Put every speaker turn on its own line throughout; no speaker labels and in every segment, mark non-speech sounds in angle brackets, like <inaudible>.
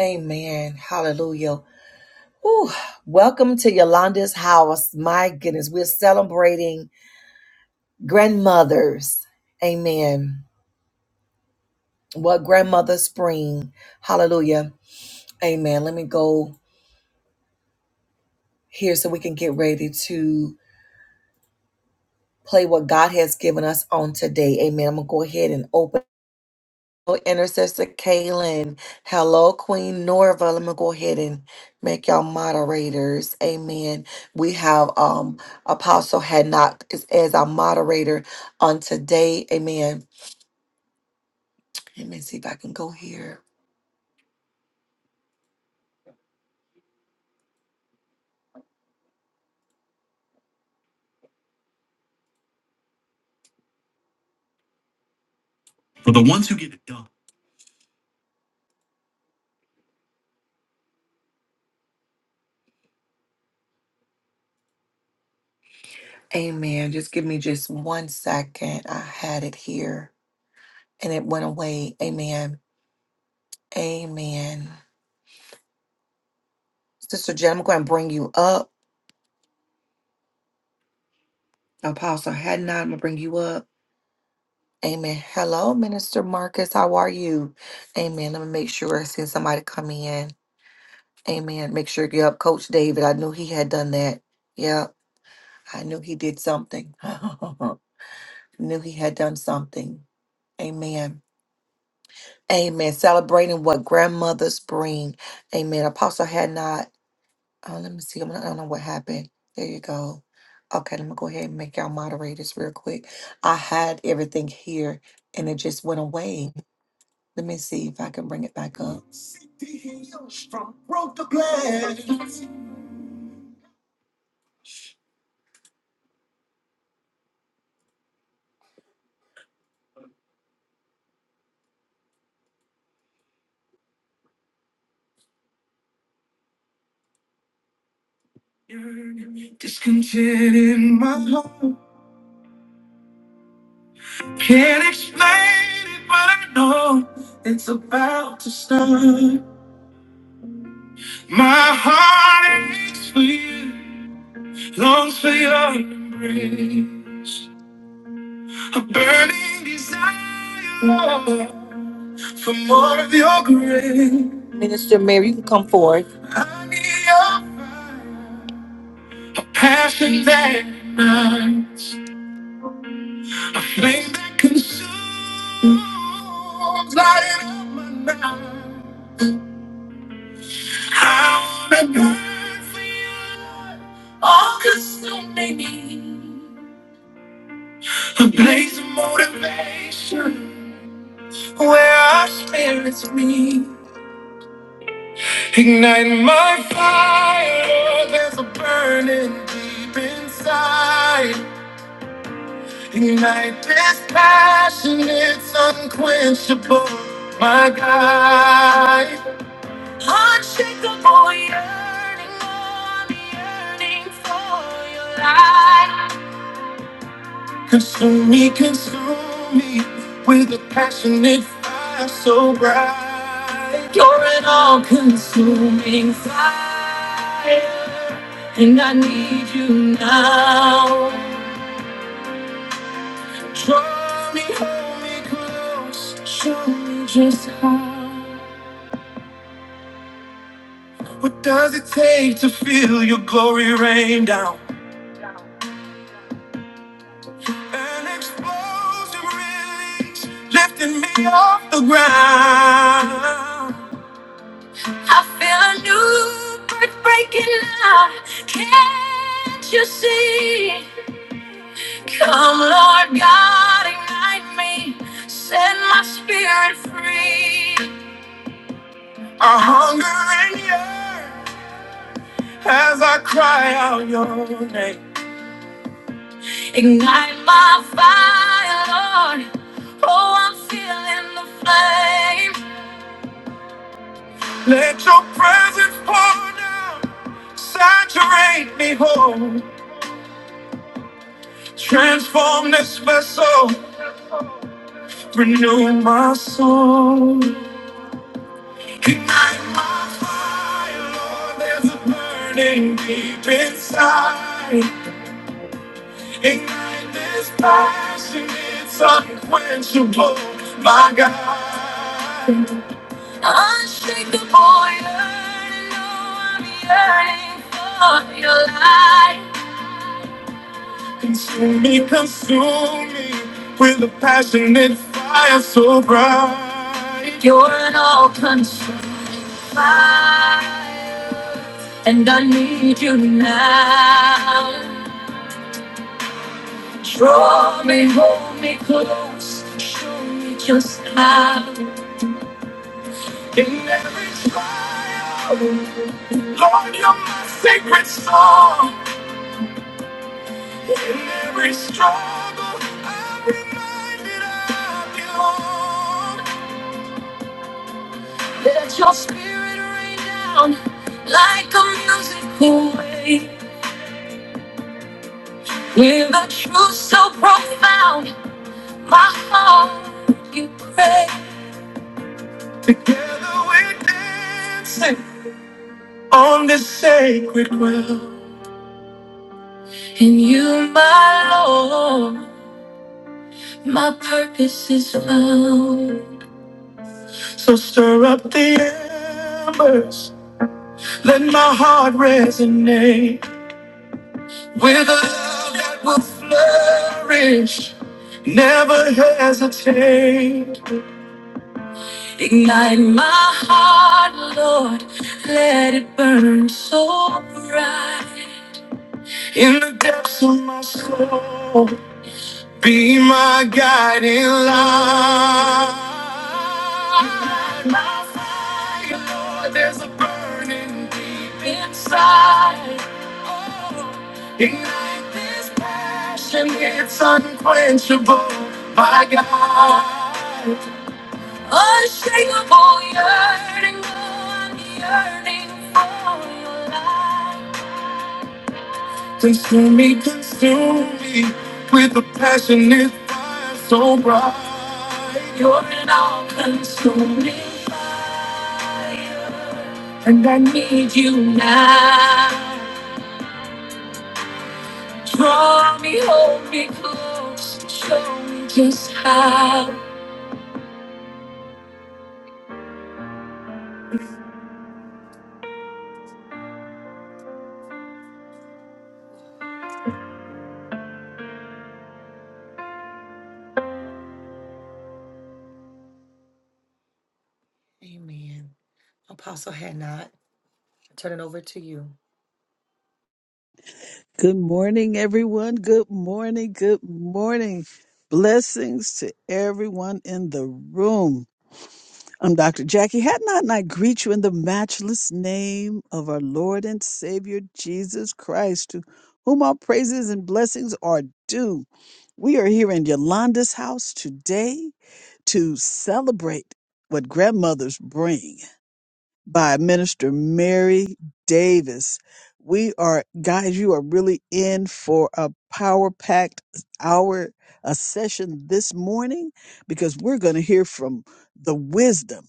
Amen. Hallelujah. Whew. Welcome to Yolanda's house. My goodness, we're celebrating grandmothers. Amen. What grandmother spring. Hallelujah. Amen. Let me go here so we can get ready to play what God has given us on today. Amen. I'm going to go ahead and open. Intercessor Kaylin. Hello, Queen Norva. Let me go ahead and make y'all moderators. Amen. We have um Apostle had as, as our moderator on today. Amen. Let me see if I can go here. For the ones who get it done. Amen. Just give me just one second. I had it here and it went away. Amen. Amen. Sister Jen, I'm going to bring you up. Apostle had I'm going to bring you up. Amen. Hello, Minister Marcus. How are you? Amen. Let me make sure I send somebody come in. Amen. Make sure you up, Coach David. I knew he had done that. Yep. I knew he did something. <laughs> knew he had done something. Amen. Amen. Celebrating what grandmothers bring. Amen. Apostle had not. Oh, let me see. I'm not- I don't know what happened. There you go. Okay, let me go ahead and make y'all moderators real quick. I had everything here and it just went away. Let me see if I can bring it back up. Discontent in my heart. Can't explain it, but I know it's about to start. My heart aches for you, longs for your embrace. A burning desire for more of your grace. Minister Mary, you can come forward. I need your fire, a passion that ignites. A flame that consumes, lighting up my night. I wanna burn for you, Lord, all consuming me. A blaze of motivation, where our spirits meet. Ignite my fire, Lord, there's a burning deep inside. Ignite this passion, it's unquenchable, my God. Unshakable yearning, I'm yearning for your light. Consume me, consume me with a passionate fire so bright. You're an all-consuming fire, and I need you now. Draw me, hold me close, show me just how. What does it take to feel your glory rain down? An explosive release lifting me off the ground. I feel a new birth breaking out. Can't you see? Come, Lord God, ignite me. Set my spirit free. I hunger and yearn as I cry out your name. Ignite my fire, Lord. Oh, I'm feeling the flame. Let your presence pour down, saturate me whole, transform this vessel, renew my soul. Ignite my fire, Lord, there's a burning deep inside. Ignite this passion, it's unquenchable, my God. Unshakable, yearning, oh, I know I'm yearning for your light. Consume me, consume me with a passionate fire so bright. You're an all-consuming fire, and I need you now. Draw me, hold me close, show me just how. In every trial, Lord, you're my sacred song. In every struggle, I'm reminded of you. Let your spirit rain down like a musical wave. With a truth so profound, my heart you pray. Together we're dancing on this sacred ground. In you, my Lord, my purpose is found. So stir up the embers, let my heart resonate. With a love that will flourish, never hesitate. Ignite my heart, Lord, let it burn so bright. In the depths of my soul, be my guiding light. My fire, Lord, there's a burning deep inside. Oh, ignite this passion, it's unquenchable. My God, unshakable yearning, Lord, I'm yearning for your light. Consume me, consume me with a passionate fire so bright. You're an all-consuming fire, and I need you now. Draw me, hold me close, show me just how. Amen. Apostle had not. I turn it over to you.
Good morning, everyone. Good morning. Good morning. Blessings to everyone in the room. I'm Dr. Jackie Hatnot, and I greet you in the matchless name of our Lord and Savior Jesus Christ, to whom all praises and blessings are due. We are here in Yolanda's house today to celebrate what grandmothers bring by Minister Mary Davis. We are, guys, you are really in for a power packed hour, a session this morning, because we're going to hear from the wisdom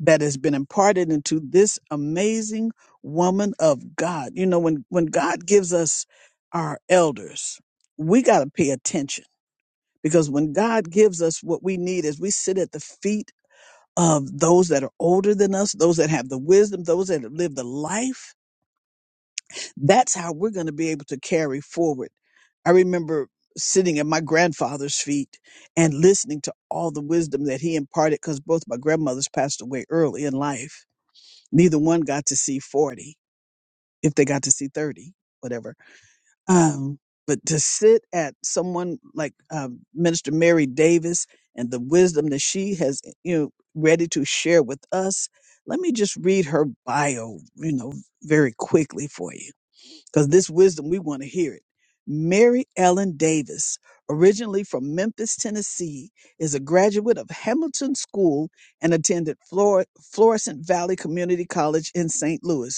that has been imparted into this amazing woman of God. You know, when, when God gives us our elders, we got to pay attention because when God gives us what we need as we sit at the feet of those that are older than us, those that have the wisdom, those that have lived the life. That's how we're going to be able to carry forward. I remember sitting at my grandfather's feet and listening to all the wisdom that he imparted because both my grandmothers passed away early in life. Neither one got to see 40, if they got to see 30, whatever um, but to sit at someone like um, Minister Mary Davis and the wisdom that she has, you know, ready to share with us, let me just read her bio, you know, very quickly for you, because this wisdom, we want to hear it. Mary Ellen Davis, originally from Memphis, Tennessee, is a graduate of Hamilton School and attended Flor- Florissant Valley Community College in St. Louis.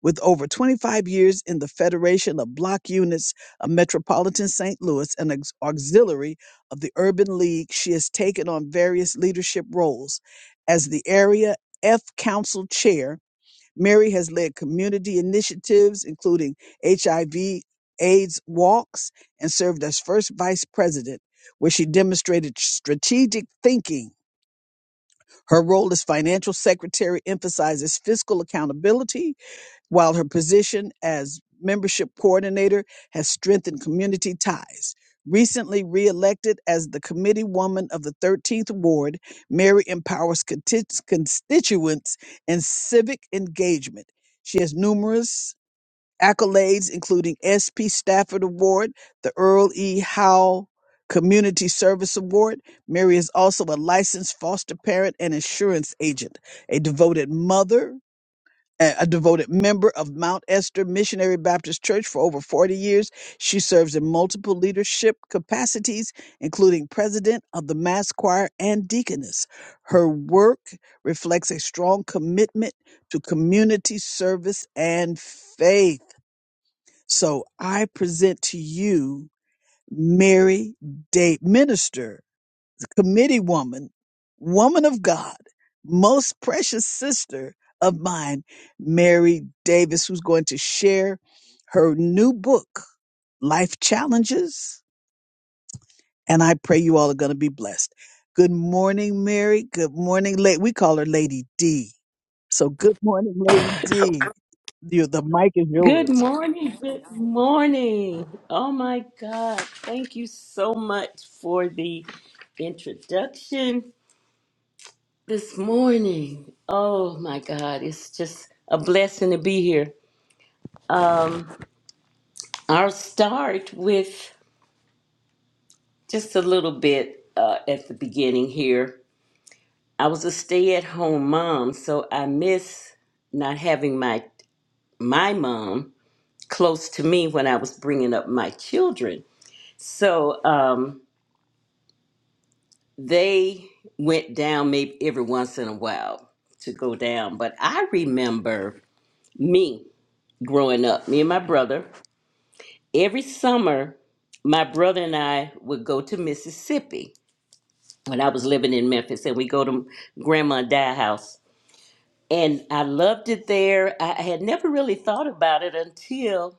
With over 25 years in the Federation of Block Units of Metropolitan St. Louis and ex- auxiliary of the Urban League, she has taken on various leadership roles. As the area F Council Chair, Mary has led community initiatives, including HIV AIDS walks, and served as first vice president, where she demonstrated strategic thinking. Her role as financial secretary emphasizes fiscal accountability while her position as membership coordinator has strengthened community ties. Recently reelected as the committee woman of the 13th Ward, Mary empowers conti- constituents and civic engagement. She has numerous accolades, including S.P. Stafford Award, the Earl E. Howe Community Service Award. Mary is also a licensed foster parent and insurance agent, a devoted mother, a a devoted member of Mount Esther Missionary Baptist Church for over 40 years. She serves in multiple leadership capacities, including president of the mass choir and deaconess. Her work reflects a strong commitment to community service and faith. So I present to you Mary Day, Minister committee woman, woman of God, most precious sister of mine, Mary Davis, who's going to share her new book, Life Challenges. And I pray you all are going to be blessed. Good morning, Mary. Good morning, lady. We call her Lady D. So good morning, Lady D. You, the mic is
Good
yours.
morning. Good morning. Oh my God. Thank you so much for the introduction this morning. Oh my God. It's just a blessing to be here. I'll start with just a little bit uh, at the beginning here. I was a stay at home mom, so I miss not having my my mom close to me when I was bringing up my children. So, um, they went down maybe every once in a while to go down. But I remember me growing up, me and my brother, every summer, my brother and I would go to Mississippi when I was living in Memphis, and we go to Grandma and Dad house. And I loved it there. I I had never really thought about it until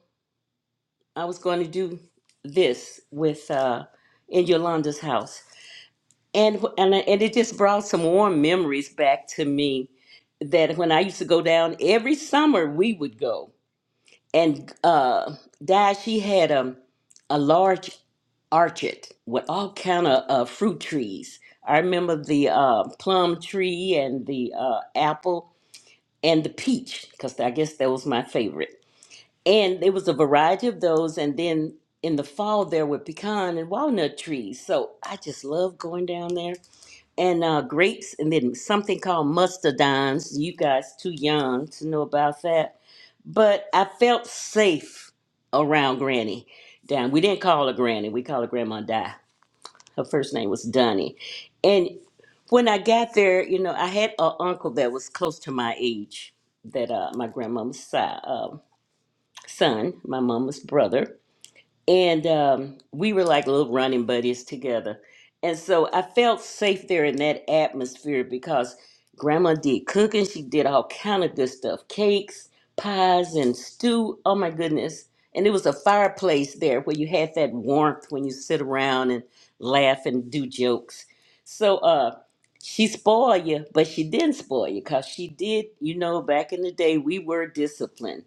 I was going to do this with uh, in Yolanda's house. and and and it just brought some warm memories back to me that when I used to go down every summer we would go and uh Dad she had um a large orchard with all kind of uh, fruit trees. I remember the uh, plum tree and the uh, apple and the peach because I guess that was my favorite. And there was a variety of those, and then in the fall there were pecan and walnut trees. So I just love going down there and uh, grapes, and then something called mustardines. You guys too young to know about that, but I felt safe around Granny. Down, we didn't call her Granny. We called her Grandma Di. Her first name was Dunny, and when I got there, you know, I had an uncle that was close to my age, that uh, my grandmama's si- uh, son, my mama's brother, and um, we were like little running buddies together. And so I felt safe there in that atmosphere because Grandma did cooking. She did all kind of good stuff, cakes, pies, and stew. Oh my goodness! And it was a fireplace there where you had that warmth when you sit around and laugh and do jokes. So uh, she spoiled you, but she didn't spoil you because she did. You know, back in the day, we were disciplined,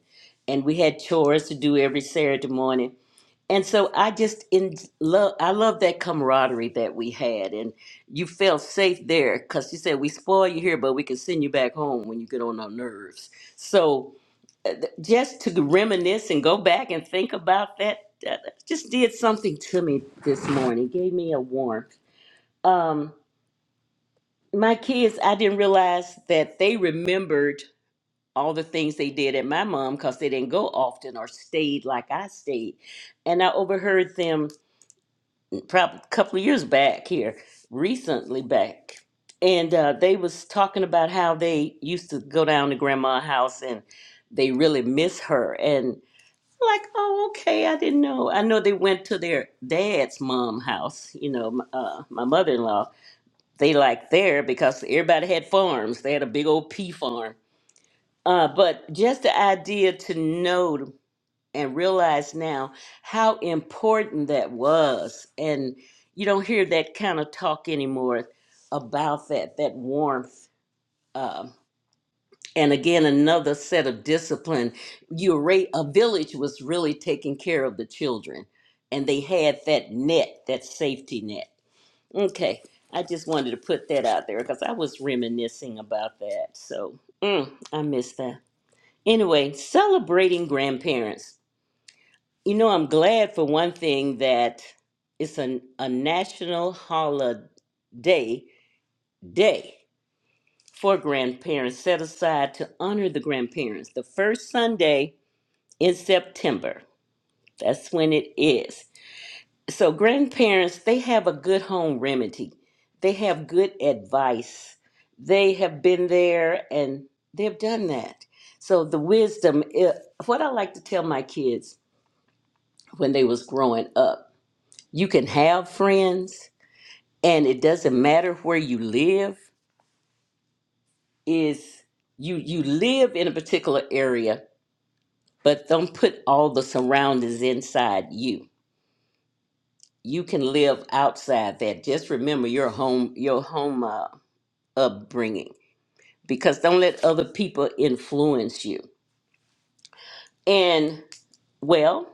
and we had chores to do every Saturday morning and so I just in love. I love that camaraderie that we had, and you felt safe there because she said we spoil you here, but we can send you back home when you get on our nerves. So just to reminisce and go back and think about that, that just did something to me this morning. Gave me a warmth. Um, my kids, I didn't realize that they remembered all the things they did at my mom because they didn't go often or stayed like I stayed, and I overheard them probably a couple of years back here, recently back, and uh, they was talking about how they used to go down to grandma's house and they really miss her. And like, oh, okay, I didn't know. I know they went to their dad's mom house. You know, m- uh, my mother in law. They like there because everybody had farms. They had a big old pea farm. Uh, but just the idea to know and realize now how important that was. And you don't hear that kind of talk anymore about that, that warmth. Um, and again, another set of discipline. You're right, a village was really taking care of the children, and they had that net, that safety net. Okay, I just wanted to put that out there because I was reminiscing about that. So mm, I miss that. Anyway, celebrating grandparents. You know, I'm glad for one thing that it's a, a national holiday day for grandparents set aside to honor the grandparents the first Sunday in September. That's when it is. So, grandparents, they have a good home remedy, they have good advice. They have been there and they've done that. So, the wisdom, eh, what I like to tell my kids when they was growing up you can have friends and it doesn't matter where you live is you you live in a particular area but don't put all the surroundings inside you you can live outside that just remember your home your home uh, upbringing because don't let other people influence you and well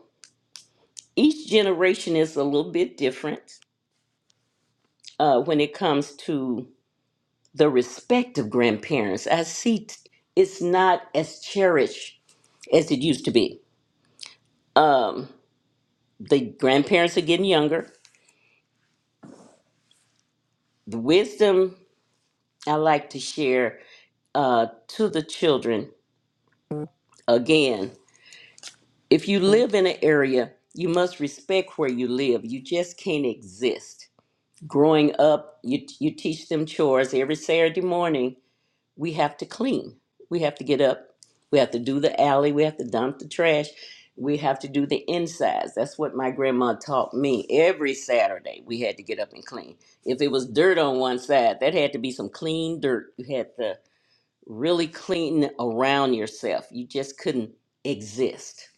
each generation is a little bit different uh, when it comes to the respect of grandparents. I see t- it's not as cherished as it used to be. The grandparents are getting younger. The wisdom I like to share uh, to the children again if you live in an area, you must respect where you live. You just can't exist. Growing up, you, you teach them chores every Saturday morning we have to clean. We have to get up. We have to do the alley. We have to dump the trash. We have to do the insides. That's what my grandma taught me. Every Saturday, we had to get up and clean. If it was dirt on one side, that had to be some clean dirt. You had to really clean around yourself. You just couldn't exist.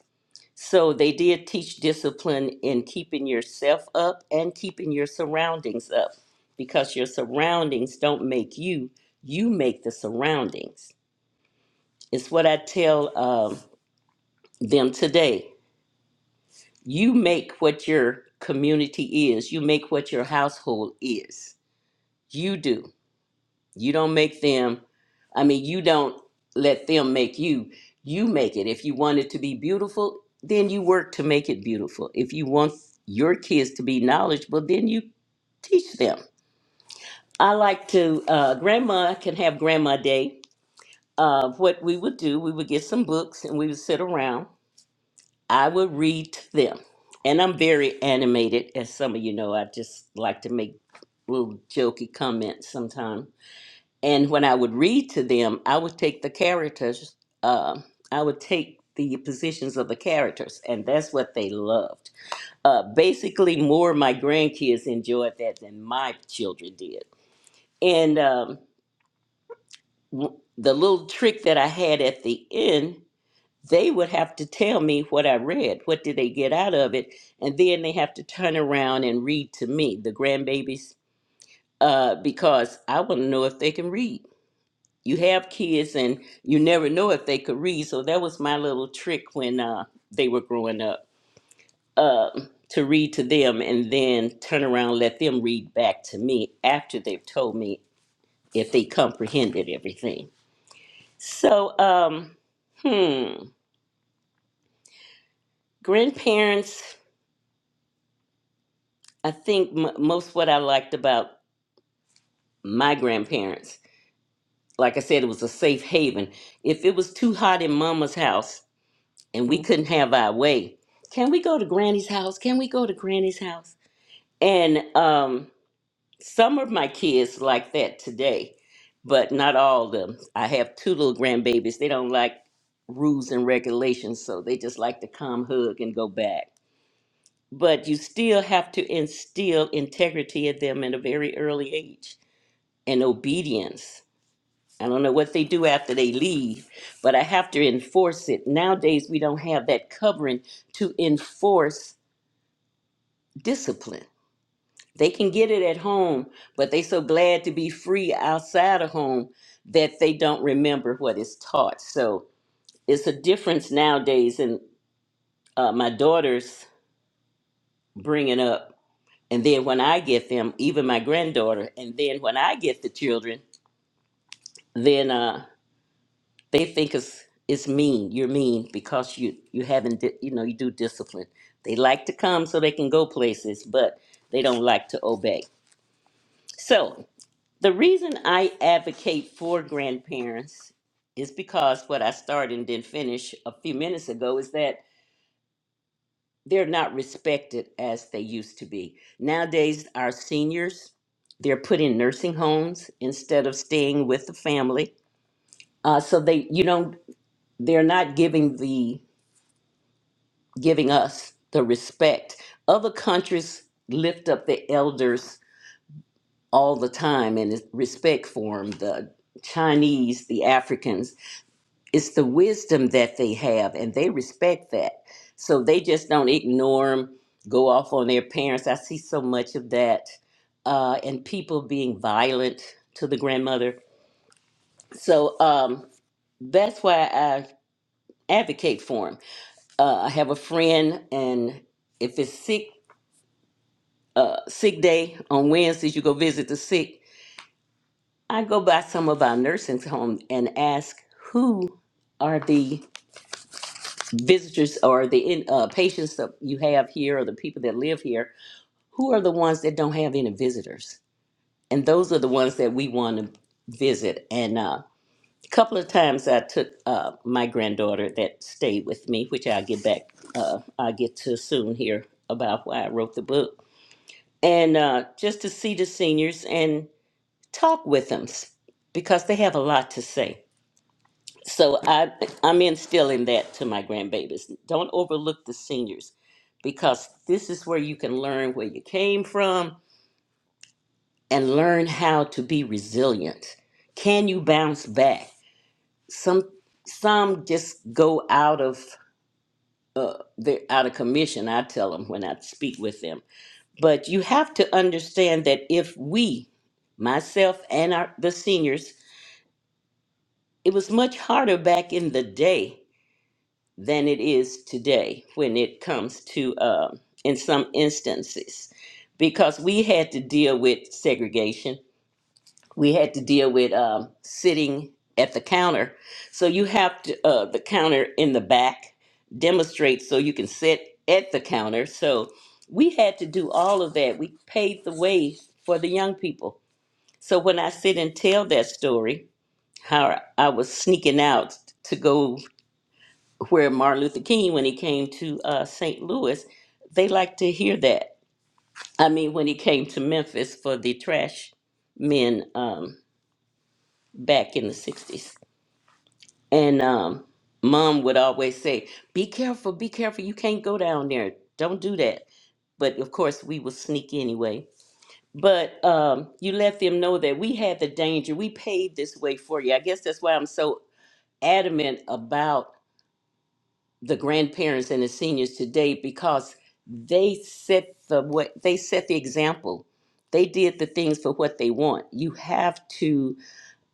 So they did teach discipline in keeping yourself up and keeping your surroundings up because your surroundings don't make you, you make the surroundings. It's what I tell um, them today. You make what your community is, you make what your household is. You do. You don't make them. I mean, you don't let them make you. You make it. If you want it to be beautiful, then you work to make it beautiful. If you want your kids to be knowledgeable, then you teach them. I like to, uh, grandma can have grandma day. Uh, what we would do, we would get some books and we would sit around. I would read to them. And I'm very animated, as some of you know. I just like to make little jokey comments sometimes and when I would read to them, I would take the characters, uh, I would take the positions of the characters, and that's what they loved. Uh, basically, more of my grandkids enjoyed that than my children did. And um, w- the little trick that I had at the end, they would have to tell me what I read, what did they get out of it, and then they have to turn around and read to me, the grandbabies, uh, because I want to know if they can read. you have kids and you never know if they could read. So that was my little trick when uh, they were growing up um, to read to them and then turn around, let them read back to me after they've told me if they comprehended everything. So, um, hmm, grandparents, I think m- most what I liked about my grandparents, like I said, it was a safe haven. If it was too hot in mama's house, and we couldn't have our way. Can we go to Granny's house? Can we go to Granny's house? And um, some of my kids like that today, but not all of them. I have two little grandbabies. They don't like rules and regulations, so they just like to come, hug, and go back. But you still have to instill integrity in them at a very early age and obedience. I don't know what they do after they leave, but I have to enforce it. Nowadays, we don't have that covering to enforce discipline. They can get it at home, but they so glad to be free outside of home that they don't remember what is taught. So it's a difference nowadays in uh, my daughter's bringing up, and then when I get them, even my granddaughter, and then when I get the children, then. uh, they think it's it's mean. You're mean because you you haven't di- you know you do discipline. They like to come so they can go places, but they don't like to obey. So the reason I advocate for grandparents is because what I started and didn't finish a few minutes ago is that they're not respected as they used to be. Nowadays, our seniors they're put in nursing homes instead of staying with the family. Uh, so they you don't they're not giving the giving us the respect. Other countries lift up their elders all the time and it's respect for them. The Chinese, the Africans, it's the wisdom that they have and they respect that. So they just don't ignore them, go off on their parents. I see so much of that uh, and people being violent to the grandmother. So um, that's why I advocate for them. Uh, I have a friend and if it's sick uh, sick day on Wednesdays, you go visit the sick. I go by some of our nursing homes and ask who are the visitors or the in, uh, patients that you have here or the people that live here, who are the ones that don't have any visitors? And those are the ones that we want to visit. And uh, a couple of times I took uh, my granddaughter that stayed with me, which I'll get back, uh, I'll get to soon here about why I wrote the book. And uh, just to see the seniors. and. talk with them s- because they have a lot to say. So I, I'm instilling that to my grandbabies. Don't overlook the seniors because this is where you can learn where you came from and learn how to be resilient. Can you bounce back? Some some just go out of the out of commission. I tell them when I speak with them. But you have to understand that if we, myself and our, the seniors It was much harder back in the day than it is today when it comes to, uh, in some instances, because we had to deal with segregation. We had to deal with um, sitting at the counter. So you have to, uh, the counter in the back demonstrates so you can sit at the counter. So we had to do all of that. We paved the way for the young people. So when I sit and tell that story, how I was sneaking out to go where Martin Luther King, when he came to uh, St. Louis, they like to hear that. I mean, when he came to Memphis for the trash men um, back in the 60s. And um, mom would always say, Be careful, be careful. You can't go down there. Don't do that. But of course, we would sneak anyway. But um, you let them know that we had the danger. We paid this way for you. I guess that's why I'm so adamant about. the grandparents and the seniors today because they set the what they set the example. They did the things for what they want. You have to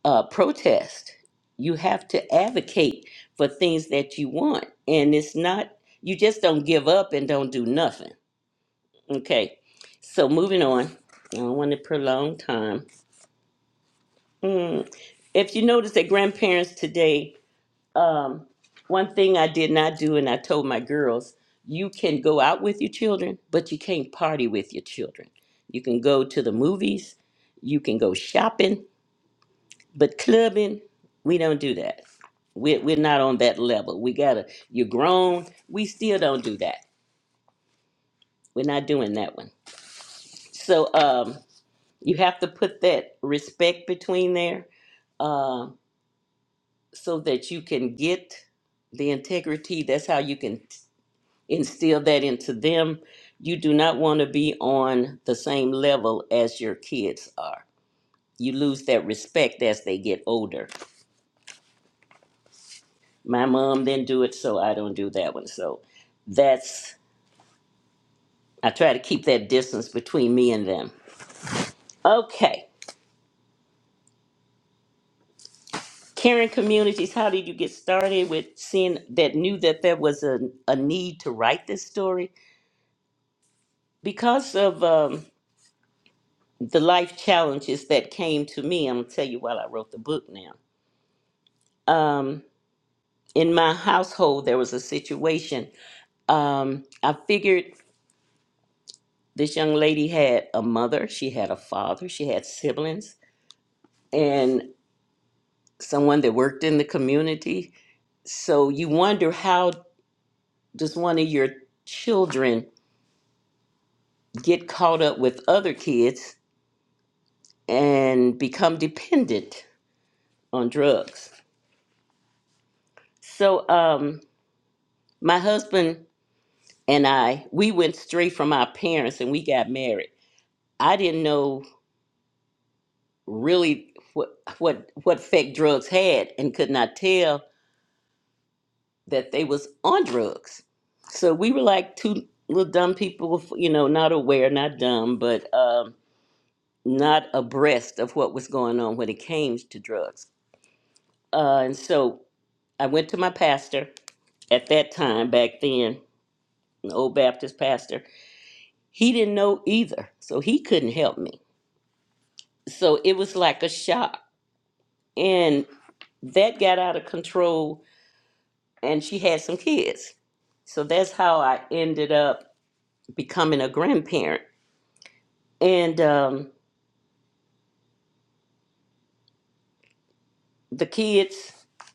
uh, protest. You have to advocate for things that you want, and it's not you just don't give up and don't do nothing. Okay, so moving on. I don't want to prolong time. Mm. If you notice that grandparents today um, one thing I did not do, and I told my girls, you can go out with your children, but you can't party with your children. You can go to the movies, you can go shopping, but clubbing, we don't do that. We're, we're not on that level. We gotta, you're grown, we still don't do that. We're not doing that one. So um, you have to put that respect between there um, so that you can get the integrity. That's how you can. instill that into them. You do not want to be on the same level as your kids are. You lose that respect as they get older. My mom didn't do it, so I don't do that one. So that's, I try to keep that distance between me and them. Okay. Caring communities, how did you get started with seeing that knew that there was a, a need to write this story? Because of um, the life challenges that came to me, I'm going to tell you while I wrote the book now. Um, in my household there was a situation um i figured this young lady had a mother she had a father she had siblings and someone that worked in the community so you wonder how does one of your children get caught up with other kids and become dependent on drugs so um my husband and i we went straight from our parents and we got married i didn't know really what what what fake drugs had and could not tell that they was on drugs. So we were like two little dumb people, you know, not aware, not dumb, but um, not abreast of what was going on when it came to drugs. Uh, and so I went to my pastor at that time back then, an old Baptist pastor. He didn't know either, so he couldn't help me. So it was like a shock, and that got out of control and she had some kids. So that's how I ended up becoming a grandparent. And um, the kids,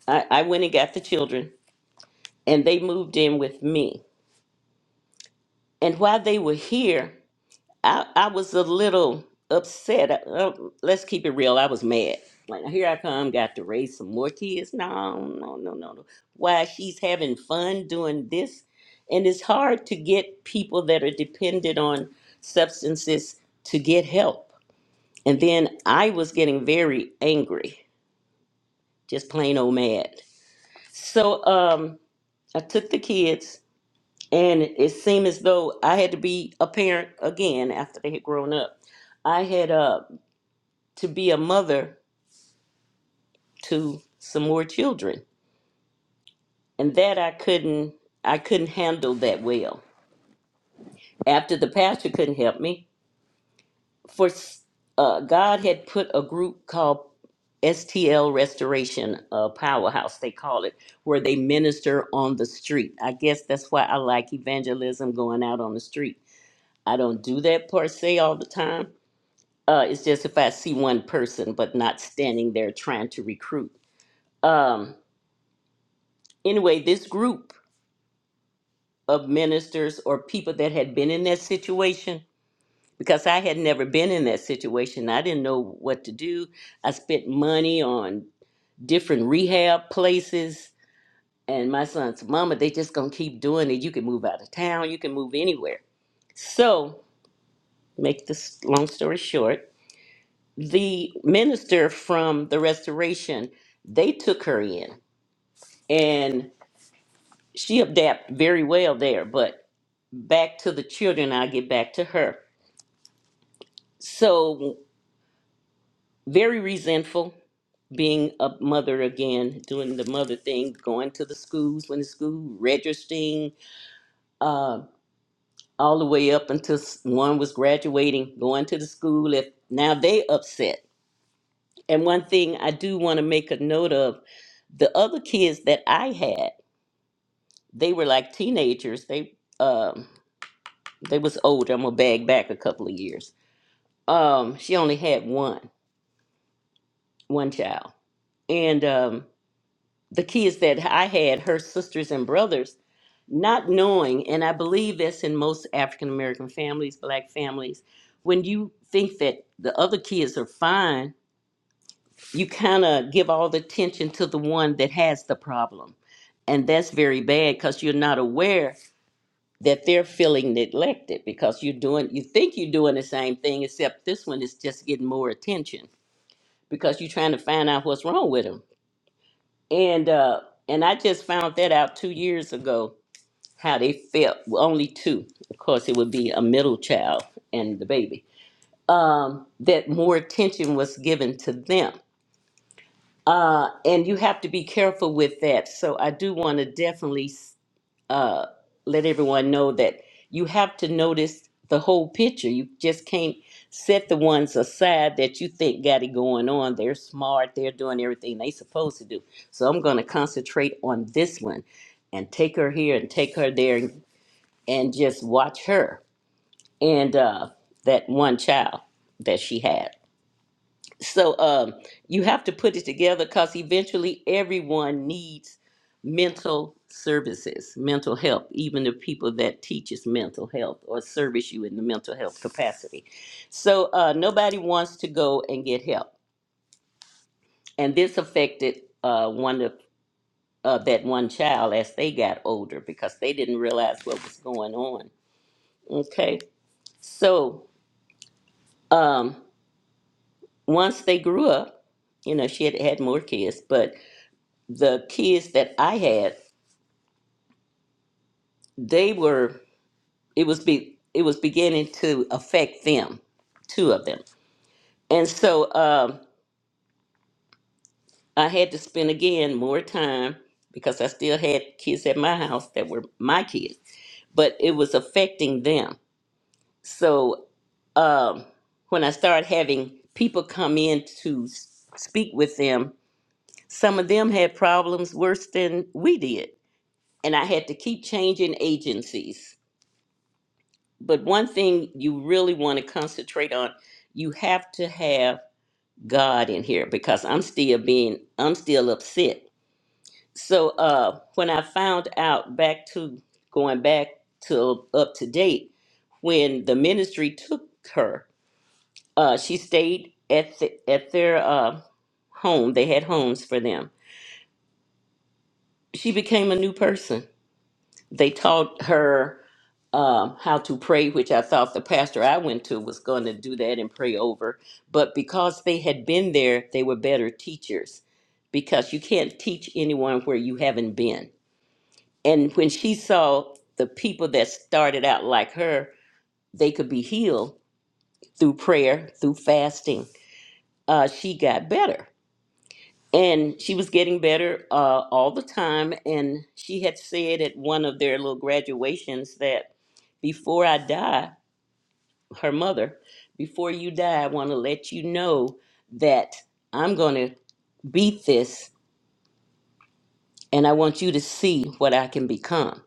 I, I went and got the children, and they moved in with me. And while they were here, I, I was a little upset. Uh, let's keep it real. I was mad. Like here I come, got to raise some more kids. No, no, no, no, no. Why she's having fun doing this, and it's hard to get people that are dependent on substances to get help. And then I was getting very angry, just plain old mad. So um, I took the kids, and it seemed as though I had to be a parent again after they had grown up. I had uh to be a mother to some more children and that i couldn't i couldn't handle that well after the pastor couldn't help me for s- uh, god had put a group called stl restoration uh, powerhouse they call it where they minister on the street i guess that's why i like evangelism going out on the street i don't do that per se all the time uh, it's just if i see one person but not standing there trying to recruit um, anyway this group of ministers or people that had been in that situation because I had never been in that situation. I didn't know what to do. I spent money on different rehab places and my son's mama, they just gonna keep doing it. You can move out of town, you can move anywhere. So, make this long story short, the minister from the restoration, they took her in and she adapted very well there. But back to the children, I'll get back to her So, very resentful being a mother again, doing the mother thing, going to the schools when the school registering, uh, all the way up until s- one was graduating, going to the school. If now they upset. And one thing I do want to make a note of, the other kids that I had, they were like teenagers. They um, they was older. I'm gonna bag back a couple of years. Um, she only had one one child, and um, the kids that I had, her sisters and brothers, not knowing, and I believe that's in most African American families, black families, when you think that the other kids are fine, you kind of give all the attention to the one that has the problem. And that's very bad because you're not aware that they're feeling neglected because you're doing, you think you're doing the same thing, except this one is just getting more attention because you're trying to find out what's wrong with them and uh and i just found that out two years ago how they felt well, only two of course it would be a middle child and the baby um that more attention was given to them uh and you have to be careful with that so i do want to definitely uh, let everyone know that you have to notice the whole picture. You just can't set the ones aside that you think got it going on. They're smart. They're doing everything they supposed to do. So I'm going to concentrate on this one, and take her here and take her there, and, just watch her and uh, that one child that she had so um, you have to put it together because eventually everyone needs mental services mental help even the people that teaches mental health or service you in the mental health capacity so uh, nobody wants to go and get help and this affected uh, one of uh, that one child as they got older because they didn't realize what was going on okay so um, once they grew up you know she had had more kids but the kids that I had, they were it was be it was beginning to affect them, two of them, and so um, I had to spend again more time because I still had kids at my house that were my kids, but it was affecting them. So um, when I started having people come in to s- speak with them, some of them had problems worse than we did, and I had to keep changing agencies but one thing you really want to concentrate on you have to have god in here because i'm still being i'm still upset so uh when i found out back to going back to up to date when the ministry took her uh she stayed at the, at their uh home they had homes for them she became a new person they taught her um, how to pray, which I thought the pastor I went to was going to do that and pray over. But because they had been there, they were better teachers because you can't teach anyone where you haven't been. And when she saw the people that started out like her, they could be healed through prayer, through fasting, uh, she got better and she was getting better uh, all the time. And she had said at one of their little graduations that before I die, her mother, before you die, I want to let you know that I'm going to beat this and I want you to see what I can become.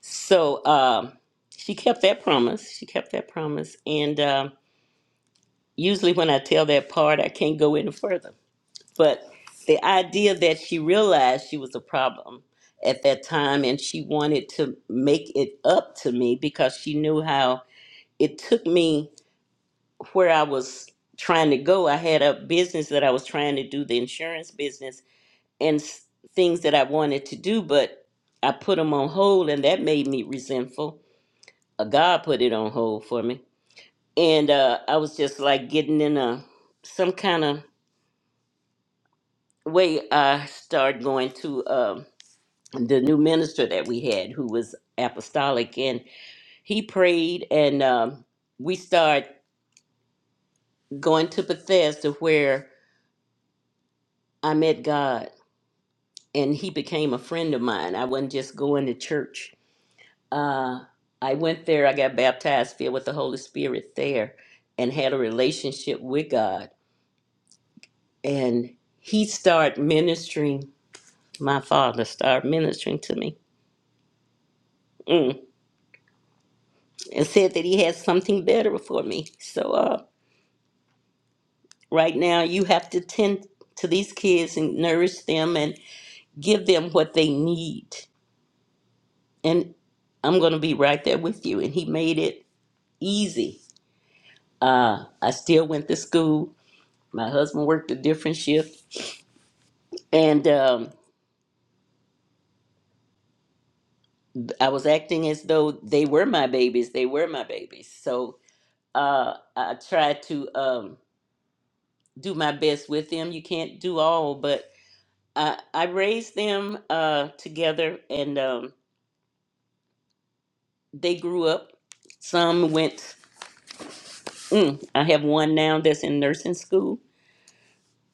So um, she kept that promise. She kept that promise. And um usually when I tell that part, I can't go any further. But the idea that she realized she was a problem at that time and she wanted to make it up to me because she knew how it took me where I was trying to go. I had a business that I was trying to do, the insurance business, and s- things that I wanted to do, but I put them on hold and that made me resentful. Uh, God put it on hold for me. And uh, I was just like getting in a some kind of way I started going to. Um, the new minister that we had who was apostolic and he prayed and um, we start going to bethesda where i met god and he became a friend of mine i wasn't just going to church uh, i went there i got baptized filled with the holy spirit there and had a relationship with god and he started ministering my father started ministering to me mm, and said that he had something better for me so uh, right now you have to tend to these kids and nourish them and give them what they need and i'm going to be right there with you and he made it easy uh, i still went to school my husband worked a different shift and um, i was acting as though they were my babies they were my babies so uh, i tried to um, do my best with them you can't do all but i, I raised them uh, together and um, they grew up. Some went. Mm, I have one now that's in nursing school,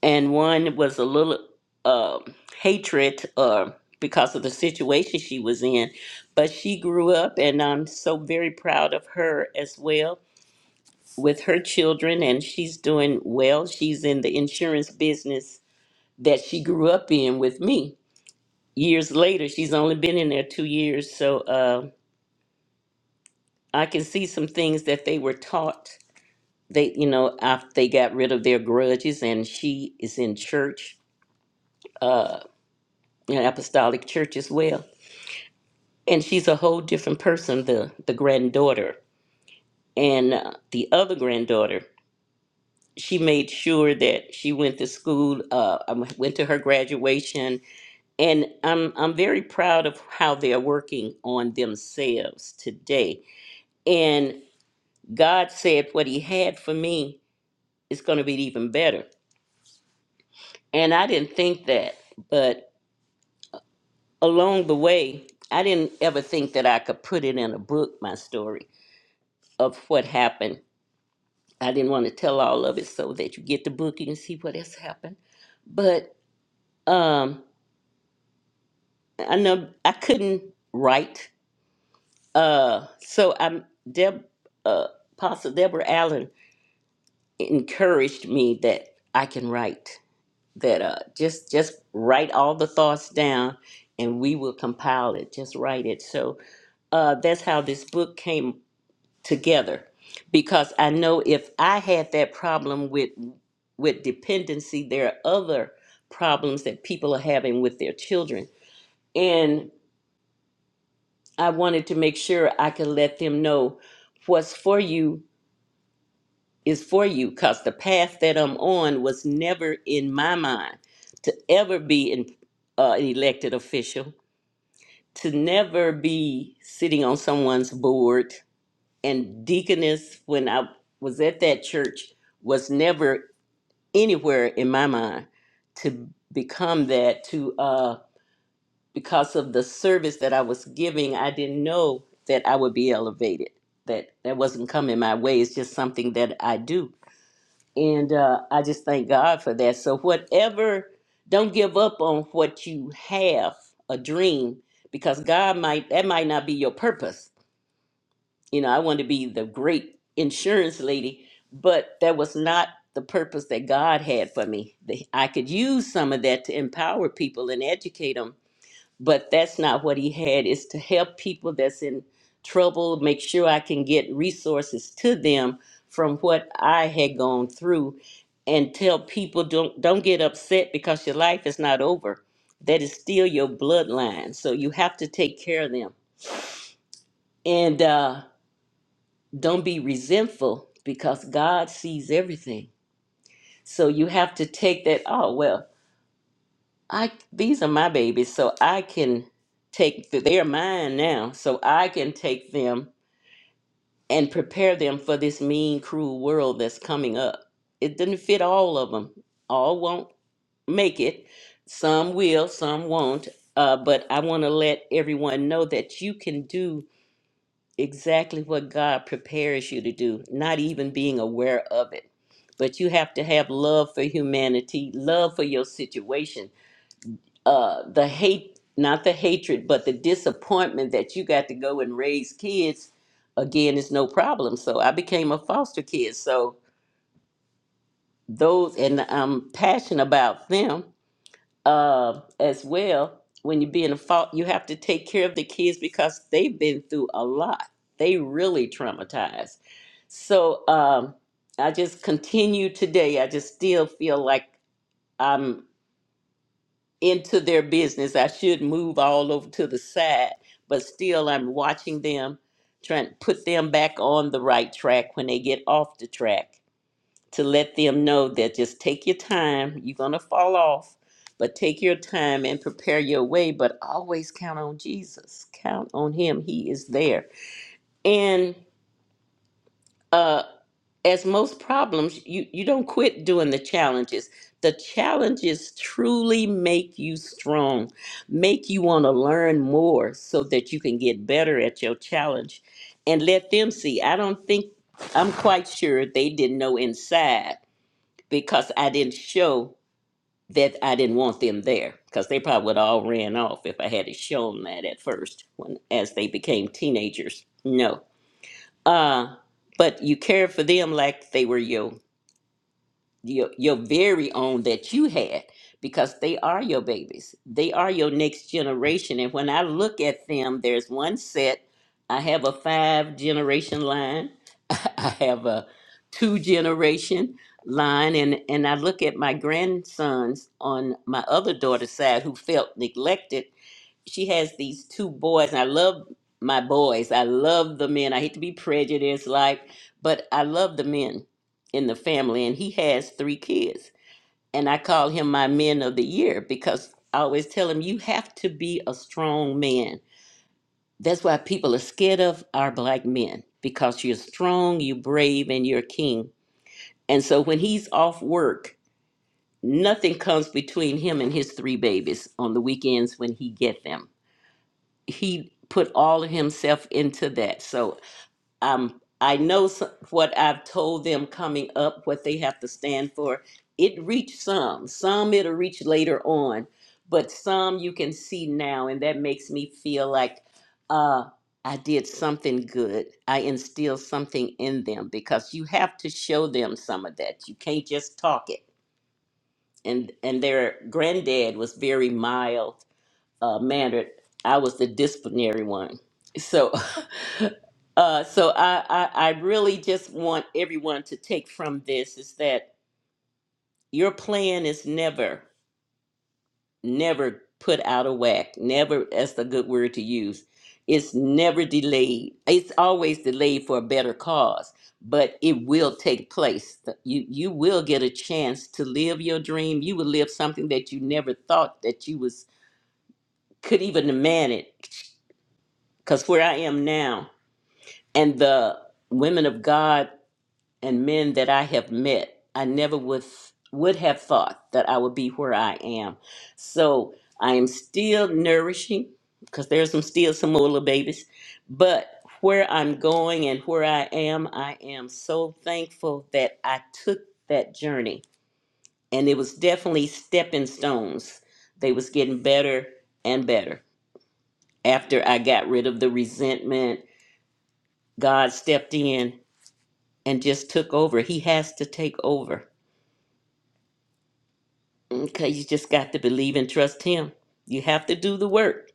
and one was a little um hatred uh, because of the situation she was in. But she grew up, and I'm so very proud of her as well with her children, and she's doing well. She's in the insurance business that she grew up in with me. Years later, she's only been in there two years, so uh, I can see some things that they were taught they you know after they got rid of their grudges and she is in church uh an apostolic church as well and she's a whole different person the the granddaughter and uh, the other granddaughter she made sure that she went to school uh I w- went to her graduation and i'm i'm very proud of how they're working on themselves today and god said what he had for me is going to be even better and i didn't think that but along the way, I didn't ever think that I could put it in a book, my story of what happened. I didn't want to tell all of it so that you get the book and see what has happened. But um, I know I couldn't write. Uh, so I'm Deb, uh, Pastor Deborah Allen encouraged me that I can write. That uh, just just write all the thoughts down, and we will compile it. Just write it. So uh, that's how this book came together because I know if I had that problem with with dependency, there are other problems that people are having with their children. And I wanted to make sure I could let them know what's for you is for you because the path that I'm on was never in my mind to ever be in, uh, an elected official, to never be sitting on someone's board, and deaconess when I was at that church was never anywhere in my mind to become that to uh because of the service that I was giving I didn't know that I would be elevated that that wasn't coming my way it's just something that I do and uh I just thank God for that so whatever don't give up on what you have a dream because God might that might not be your purpose you know, I wanted to be the great insurance lady, but that was not the purpose that God had for me. The- I could use some of that to empower people and educate them, but that's not what He had. Is to help people that's in trouble, make sure I can get resources to them from what I had gone through, and tell people don't don't get upset because your life is not over. That is still your bloodline, so you have to take care of them. And uh, don't be resentful because God sees everything. So you have to take that, oh well, I these are my babies, so I can take th- they're mine now. So I can take them and prepare them for this mean, cruel world that's coming up. It didn't fit all of them. All won't make it. Some will, some won't. Uh, but I want to let everyone know that you can do exactly what God prepares you to do, not even being aware of it. But you have to have love for humanity, love for your situation. Uh, the hate, not the hatred, but the disappointment that you got to go and raise kids again is no problem. So I became a foster kid. So those, and I'm passionate about them uh, as well when you be in a fault you have to take care of the kids because they've been through a lot they really traumatized so um, i just continue today i just still feel like i'm into their business i should move all over to the side but still i'm watching them trying to put them back on the right track when they get off the track to let them know that just take your time. You're going to fall off, but take your time and prepare your way. But always count on Jesus. Count on Him. He is there. And uh, as most problems, you, you don't quit doing the challenges. The challenges truly make you strong, make you want to learn more so that you can get better at your challenge and let them see. I don't think, I'm quite sure they didn't know inside because I didn't show that I didn't want them there because they probably would all ran off if I had it shown that at first when as they became teenagers. No. Uh but you cared for them like they were your your your very own that you had because they are your babies. They are your next generation and when I look at them there's one set I have a five generation line <laughs> I have a two generation line and and I look at my grandsons on my other daughter's side who felt neglected. She has these two boys and I love my boys. I love the men. I hate to be prejudiced like, but I love the men in the family and he has three kids. And I call him my men of the year because I always tell him you have to be a strong man that's why people are scared of our black men because you're strong, you're brave, and you're a king. And so when he's off work, nothing comes between him and his three babies on the weekends when he get them. He put all of himself into that. So um, I know some, what I've told them coming up, what they have to stand for. It reached some. Some it'll reach later on, but some you can see now, and that makes me feel like uh, I did something good. I instilled something in them because you have to show them some of that. You can't just talk it. And and their granddad was very mild uh, mannered. I was the disciplinary one. so. <laughs> Uh, so I, I, I really just want everyone to take from this is that your plan is never, never put out of whack. Never, that's a good word to use. It's never delayed. It's always delayed for a better cause, but it will take place. You, you will get a chance to live your dream. You will live something that you never thought that you was could even demand it. Because where I am now, and the women of God and men that I have met, I never would would have thought that I would be where I am. So I am still nourishing because there's some still some more little babies, but where I'm going and where I am, I am so thankful that I took that journey, and it was definitely stepping stones. They was getting better and better after I got rid of the resentment. God stepped in and just took over. He has to take over Okay, you just got to believe and trust him. You have to do the work.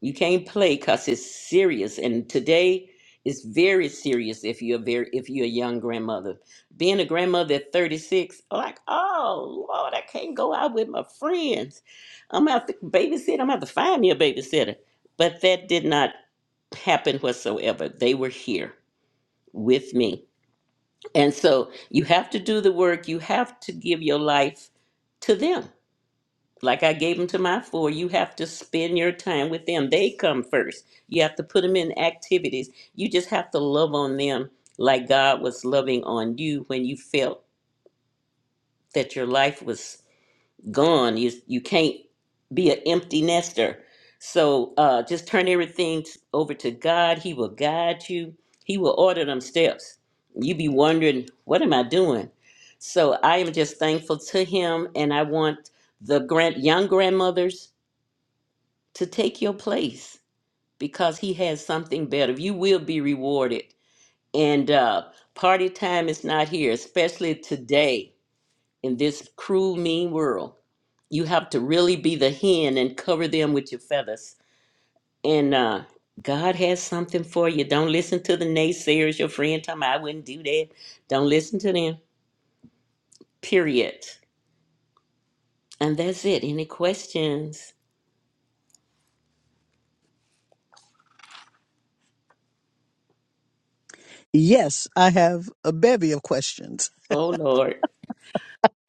You can't play because it's serious. And today is very serious if you're very if you're a young grandmother. Being a grandmother at 36, like, oh Lord, I can't go out with my friends. I'm out to babysit, I'm gonna have to find me a babysitter. But that did not happen whatsoever. They were here with me. And so you have to do the work. You have to give your life to them like I gave them to my four, you have to spend your time with them. They come first. You have to put them in activities. You just have to love on them like God was loving on you when you felt that your life was gone. You you can't be an empty nester. So uh, just turn everything over to God. He will guide you. He will order them steps. You be wondering, what am I doing? So I am just thankful to Him, and I want the grand young grandmothers to take your place because he has something better. You will be rewarded. And uh, party time is not here, especially today in this cruel, mean world. You have to really be the hen and cover them with your feathers. And uh, God has something for you. Don't listen to the naysayers, your friend talking about, I wouldn't do that. Don't listen to them, period. And that's it. Any questions?
Yes, I have a bevy of questions.
Oh, Lord.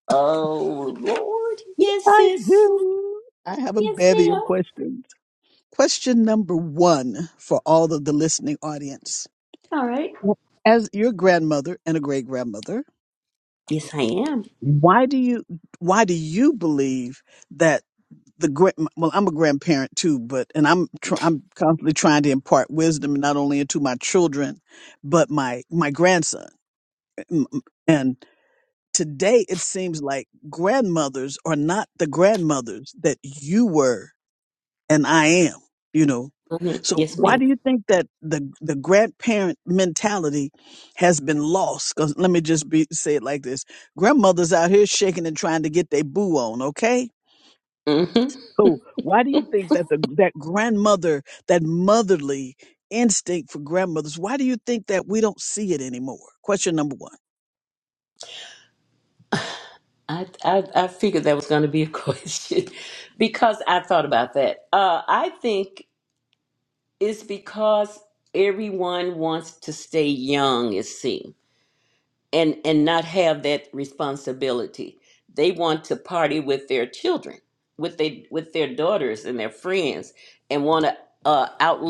Oh, Lord. Yes,
I
sis.
do. I have a
Yes,
bevy of
ma'am.
questions. Question number one for all of the listening audience.
All right.
As your grandmother and a great grandmother,
Yes, I am.
why do you why do you believe that the great well I'm a grandparent too, but and I'm tr- I'm constantly trying to impart wisdom not only into my children, but my my grandson. M- m- And today it seems like grandmothers are not the grandmothers that you were and I am, you know.
hmm
So
Yes,
why
madam
do you think that the the grandparent mentality has been lost? Cause let me just be say it like this: grandmothers out here shaking and trying to get their boo on, okay?
Mm-hmm.
So why do you think that the that grandmother, that motherly instinct for grandmothers, why do you think that we don't see it anymore? Question number one.
I, I I figured that was going to be a <laughs> question because I thought about that. Uh, I think it's because everyone wants to stay young, it seems, and and not have that responsibility. They want to party with their children, with they with their daughters and their friends, and want to uh, out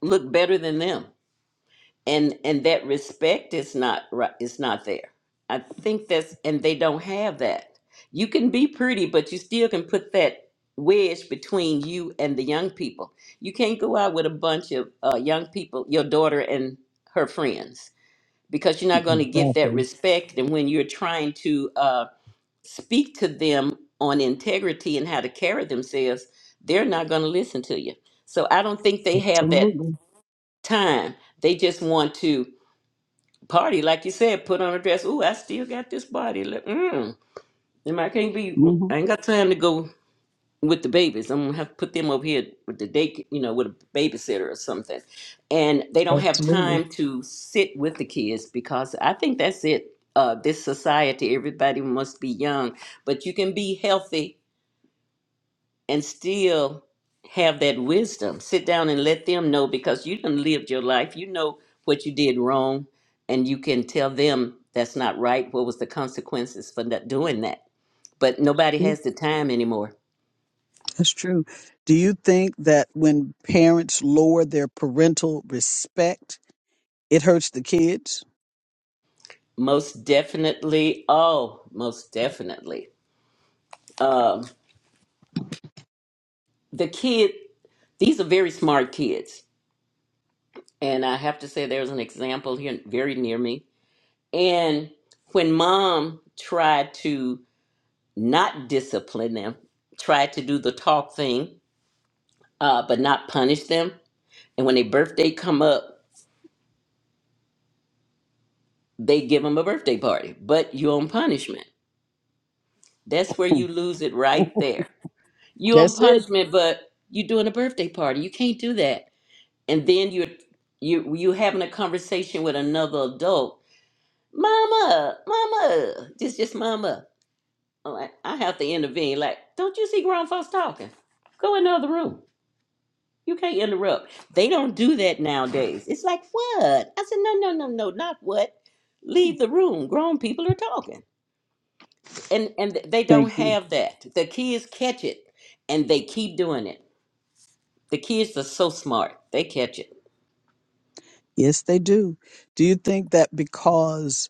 look better than them. and and that respect is not right is not there i think that's and they don't have that you can be pretty but you still can put that wedge between you and the young people you can't go out with a bunch of uh, young people your daughter and her friends because you're not going to get that
Exactly.
respect and when you're trying to uh, speak to them on integrity and how to carry themselves they're not going to listen to you so i don't think they have that
Absolutely.
time they just want to party, like you said, put on a dress. Ooh, I still got this body. Look, mm. And I can't be.
hmm
I ain't got time to go with the babies. I'm gonna have to put them over here with the day, you know, with a babysitter or something. And they don't have
Absolutely.
time to sit with the kids because I think that's it. Uh, this society, everybody must be young, but you can be healthy and still have that wisdom. Sit down and let them know because you done lived your life. You know what you did wrong, and you can tell them that's not right. What was the consequences for not doing that? But nobody
True.
has the time anymore.
That's true. Do you think that when parents lower their parental respect? It hurts the kids.
Most definitely. Oh, most definitely. Um, the kid. These are very smart kids, and I have to say there's an example here very near me. And when mom tried to not discipline them, try to do the talk thing, uh, but not punish them. And when their birthday come up, they give them a birthday party, but you on punishment. That's where you
<laughs>
lose it right there. You on
That's it.
punishment, but you doing a birthday party. You can't do that. And then you're you you having a conversation with another adult. Mama, mama, just just mama. I'm like, I have to intervene. Like, don't you see grown folks talking? Go in the other room. You can't interrupt. They don't do that nowadays. It's like, what? I said, no, no, no, no, not what. Leave the room. Grown people are talking. And and they don't
Thank you.
have that. The kids catch it and they keep doing it. The kids are so smart. They catch it.
Yes, they do. Do you think that because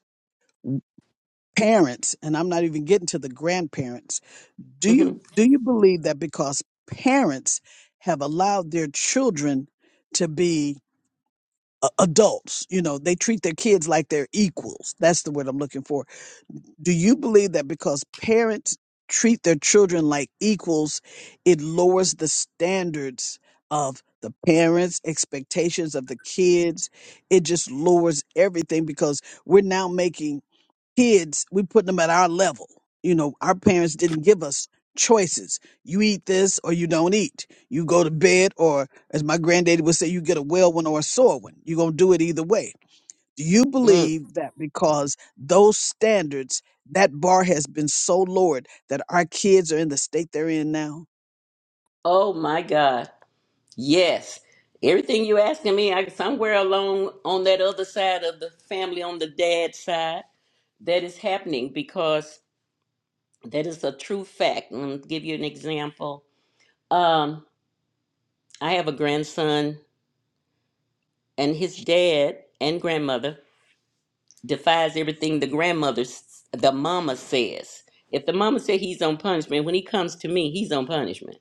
parents, and I'm not even getting to the grandparents, do
hmm
you do you believe that because parents have allowed their children to be a- adults you know they treat their kids like they're equals that's the word i'm looking for do you believe that because parents treat their children like equals it lowers the standards of the parents expectations of the kids it just lowers everything because we're now making kids, we put them at our level. You know, our parents didn't give us choices. You eat this or you don't eat. You go to bed or, as my granddaddy would say, you get a well one or a sore one. You're going to do it either way. Do you
Mm.
believe that because those standards, that bar has been so lowered that our kids are in the state they're in now?
Oh my God. Yes. Everything you asking me, I somewhere along on that other side of the family, on the dad side, that is happening because that is a true fact. I'm give you an example. Um. I have a grandson, and his dad and grandmother defies everything the grandmother, s- the mama says. If the mama said he's on punishment, when he comes to me, he's on punishment.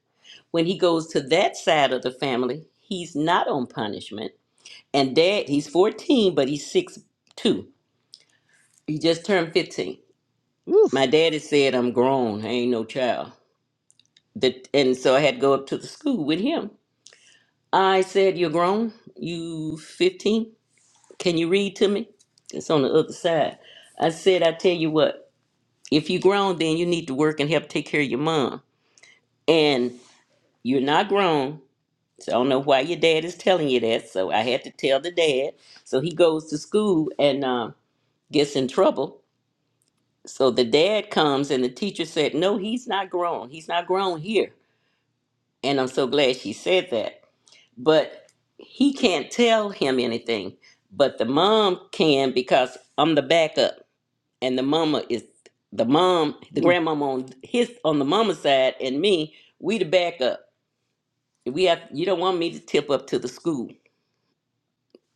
When he goes to that side of the family, he's not on punishment. And dad, he's 14, but he's six two. He just turned 15. My
Oof.
daddy said, I'm grown. I ain't no child. That, and so I had to go up to the school with him. I said, You're grown? You 15." Can you read to me? It's on the other side. I said, I tell you what, if you grown, then you need to work and help take care of your mom. And you're not grown. So I don't know why your dad is telling you that. So I had to tell the dad. So he goes to school and um, gets in trouble. So the dad comes and the teacher said, No, he's not grown. He's not grown here. And I'm so glad she said that. But he can't tell him anything. But the mom can because I'm the backup. and the mama is the mom, the
Mm,
grandmama on his on the mama side, and me, we the backup. We have you don't want me to tip up to the school,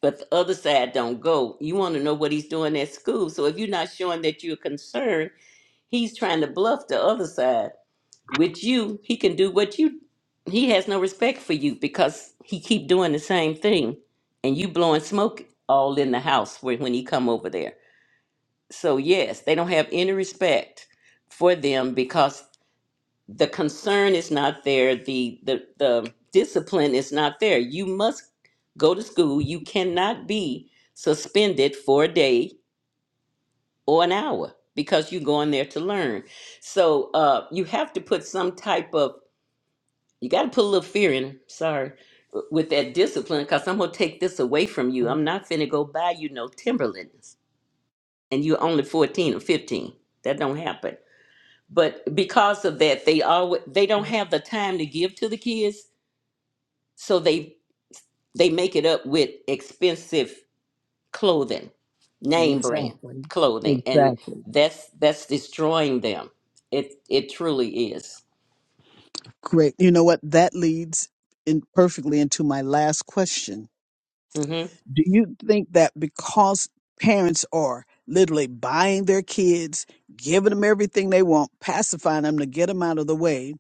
but the other side don't go. You want to know what he's doing at school. So if you're not showing that you're concerned, he's trying to bluff the other side. With you, he can do what you. He has no respect for you because he keep doing the same thing, and you blowing smoke all in the house when when he come over there. So, yes, they don't have any respect for them because the concern is not there, the, the, the discipline is not there. You must go to school. You cannot be suspended for a day or an hour because you're going there to learn. So, uh, you have to put some type of, you got to put a little fear in, 'em, sorry, w- with that discipline because I'm going to take this away from you. I'm not finna go buy you no Timberlands and you're only 14 or 15. That don't happen. but because of that they always they don't have the time to give to the kids so they they make it up with expensive clothing name brand
Exactly.
clothing and
Exactly.
that's that's destroying them it it truly is
Great. You know what? That leads in perfectly into my last question
hmm
Do you think that because parents are literally buying their kids, giving them everything they want, pacifying them to get them out of the way,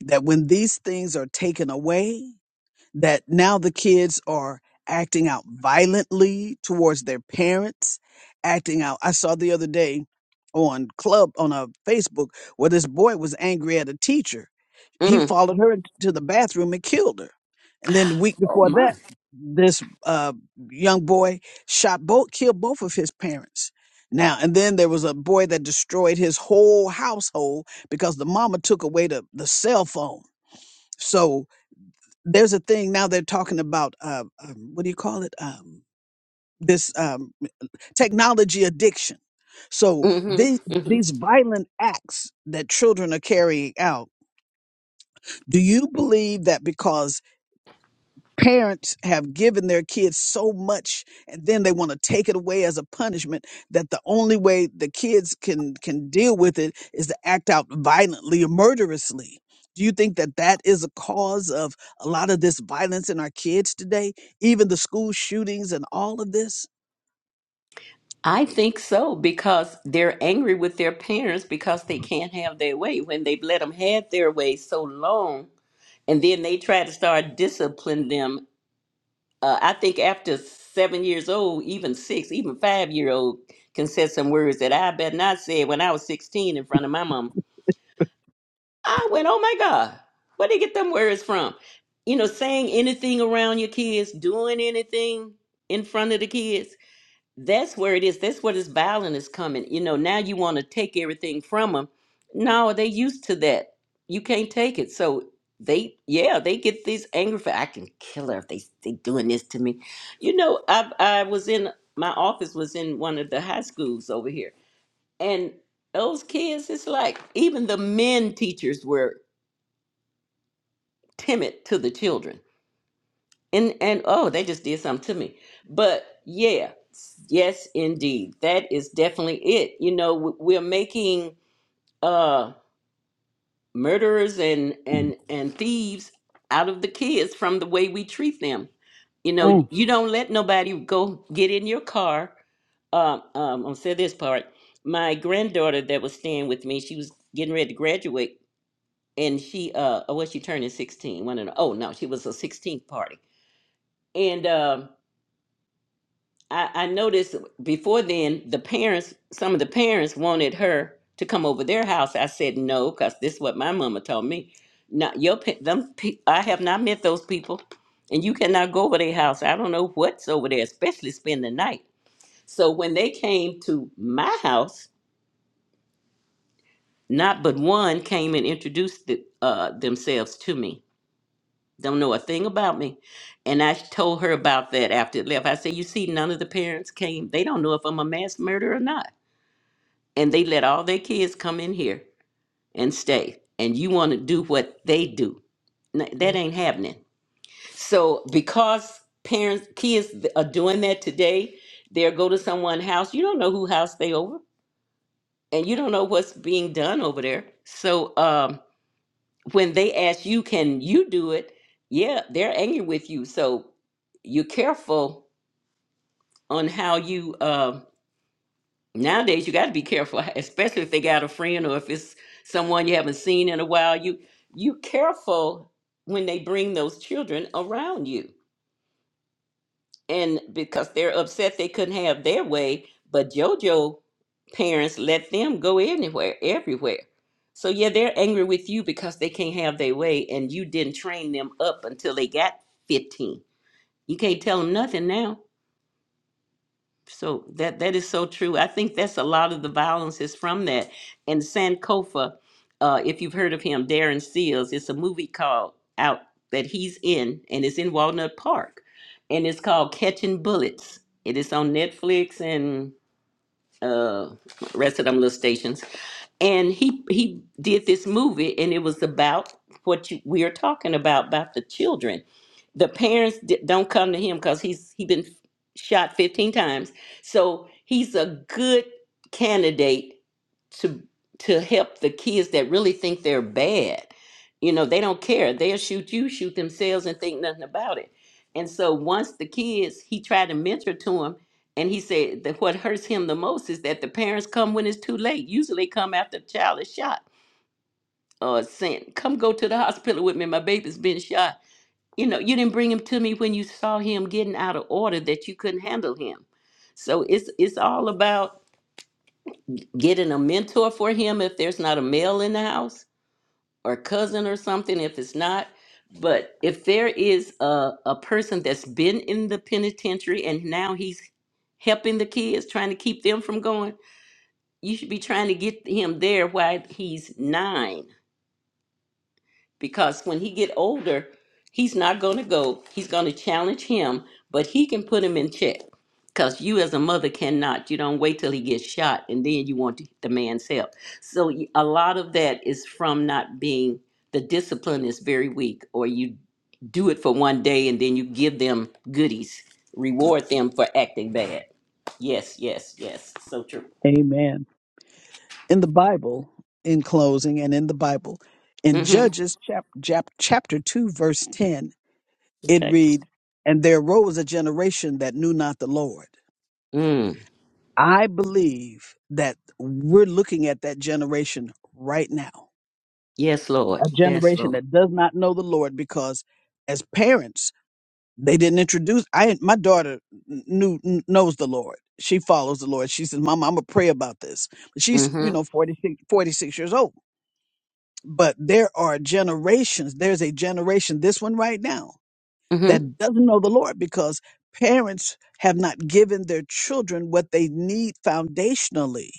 that when these things are taken away, that now the kids are acting out violently towards their parents, acting out. I saw the other day on club on a Facebook where this boy was angry at a teacher. He
mm.
followed her to the bathroom and killed her. And then the week
oh
before
my
that, this uh, young boy shot both killed both of his parents. Now and then there was a boy that destroyed his whole household because the mama took away the, the cell phone. So there's a thing now they're talking about uh, um, what do you call it um, this um, technology addiction so
hmm
the,
hmm
these violent acts that children are carrying out do you believe that because parents have given their kids so much and then they want to take it away as a punishment that the only way the kids can can deal with it is to act out violently or murderously do you think that that is a cause of a lot of this violence in our kids today even the school shootings and all of this
i think so because they're angry with their parents because they can't have their way when they've let them have their way so long and then they try to start disciplining them uh, I think after seven years old, even six, even five year old can say some words that I bet not said when I was 16 in front of my mom. I went, oh my God, where they get them words from? You know, saying anything around your kids, doing anything in front of the kids. That's where it is. That's where this violence is coming. You know, now you want to take everything from them. No, they used to that. You can't take it. So they, yeah, they get these angry. fa- I can kill her if they they doing this to me. You know, I I was in my office was in one of the high schools over here, and those kids, it's like even the men teachers were timid to the children and and oh they just did something to me but yeah yes indeed that is definitely it you know w- we're making uh murderers and and and thieves out of the kids from the way we treat them you
Mm.
know you don't let nobody go get in your car um, um i'll say this part my granddaughter that was staying with me she was getting ready to graduate and she uh oh, was she turning 16 one and oh no she was a 16th party and um. I, I noticed before then the parents some of the parents wanted her to come over their house i said no because this is what my mama told me not your pa- them pe- i have not met those people and you cannot go over their house i don't know what's over there especially spend the night so when they came to my house not but one came and introduced the, uh, themselves to me don't know a thing about me and i told her about that after it left i said you see none of the parents came they don't know if i'm a mass murderer or not and they let all their kids come in here and stay and you want to do what they do N- that ain't happening so because parents kids are doing that today they'll go to someone's house you don't know who house they over and you don't know what's being done over there so um when they ask you can you do it yeah they're angry with you so you're careful on how you um nowadays you got to be careful <laughs> especially if they got a friend or if it's someone you haven't seen in a while you you careful when they bring those children around you and because they're upset they couldn't have their way but jojo parents let them go anywhere everywhere so yeah they're angry with you because they can't have their way and you didn't train them up until they got 15 you can't tell them nothing now So that that is so true. I think that's a lot of the violence is from that. And Sankofa, uh, if you've heard of him, Darren Seals, it's a movie called out that he's in, and it's in Walnut Park, and it's called Catching Bullets. It is on Netflix and uh, rest of them little stations and he he did this movie and it was about what you, we are talking about about the children the parents di- don't come to him because he's he been shot 15 times so he's a good candidate to to help the kids that really think they're bad you know they don't care they'll shoot you shoot themselves and think nothing about it and so once the kids he tried to mentor to him and he said that what hurts him the most is that the parents come when it's too late. Usually, they come after the child is shot or sent. Come go to the hospital with me. My baby's been shot. You know, you didn't bring him to me when you saw him getting out of order that you couldn't handle him. So it's it's all about getting a mentor for him if there's not a male in the house or cousin or something if it's not. But if there is a, a person that's been in the penitentiary and now he's helping the kids, trying to keep them from going, you should be trying to get him there while he's nine because when he get older he's not going to go he's going to challenge him but he can put him in check because you as a mother cannot you don't wait till he gets shot and then you want to, the man's help so y- a lot of that is from not being the discipline is very weak or you do it for one day and then you give them goodies reward them for acting bad yes yes yes so true
Amen. In the Bible, in closing, and in the Bible, in
mm-hmm.
Judges chap, chap, chapter 2, verse 10, it
okay
reads, And there arose a generation that knew not the Lord.
Mm.
I believe that we're looking at that generation right now,
Yes, Lord.
a
Yes,
generation
Lord.
that does not know the Lord because as parents, they didn't introduce I my daughter kn- knew kn- knows the Lord. She follows the Lord. She says, "Mama, I'm going to pray about this." But she's, you
Mm-hmm.
know, 46 46 years old. But there are generations, there's a generation, this one right now,
Mm-hmm.
that doesn't know the Lord because parents have not given their children what they need foundationally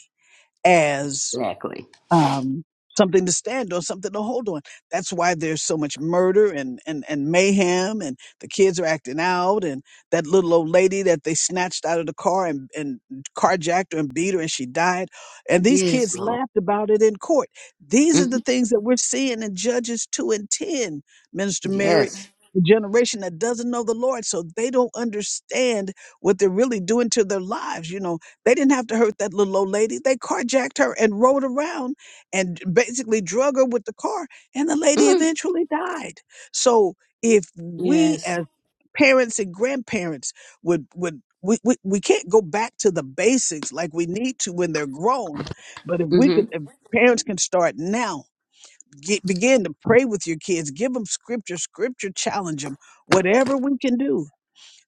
as
Exactly.
um, something to stand on, something to hold on. That's why there's so much murder and, and, and mayhem, and the kids are acting out, and that little old lady that they snatched out of the car and, and carjacked her and beat her, and she died. And these
Yes,
kids
Lord.
laughed about it in court. These are
Mm-hmm.
the things that we're seeing in Judges 2 and 10, Minister Mary.
Yes.
The generation that doesn't know the Lord, so they don't understand what they're really doing to their lives. You know, they didn't have to hurt that little old lady. They carjacked her and rode around and basically drug her with the car and the lady
Mm.
eventually died so if we
Yes.
as parents and grandparents would would we, we, we can't go back to the basics like we need to when they're grown but if we could
Mm-hmm.
if parents can start now get begin to pray with your kids give them scripture scripture challenge them whatever we can do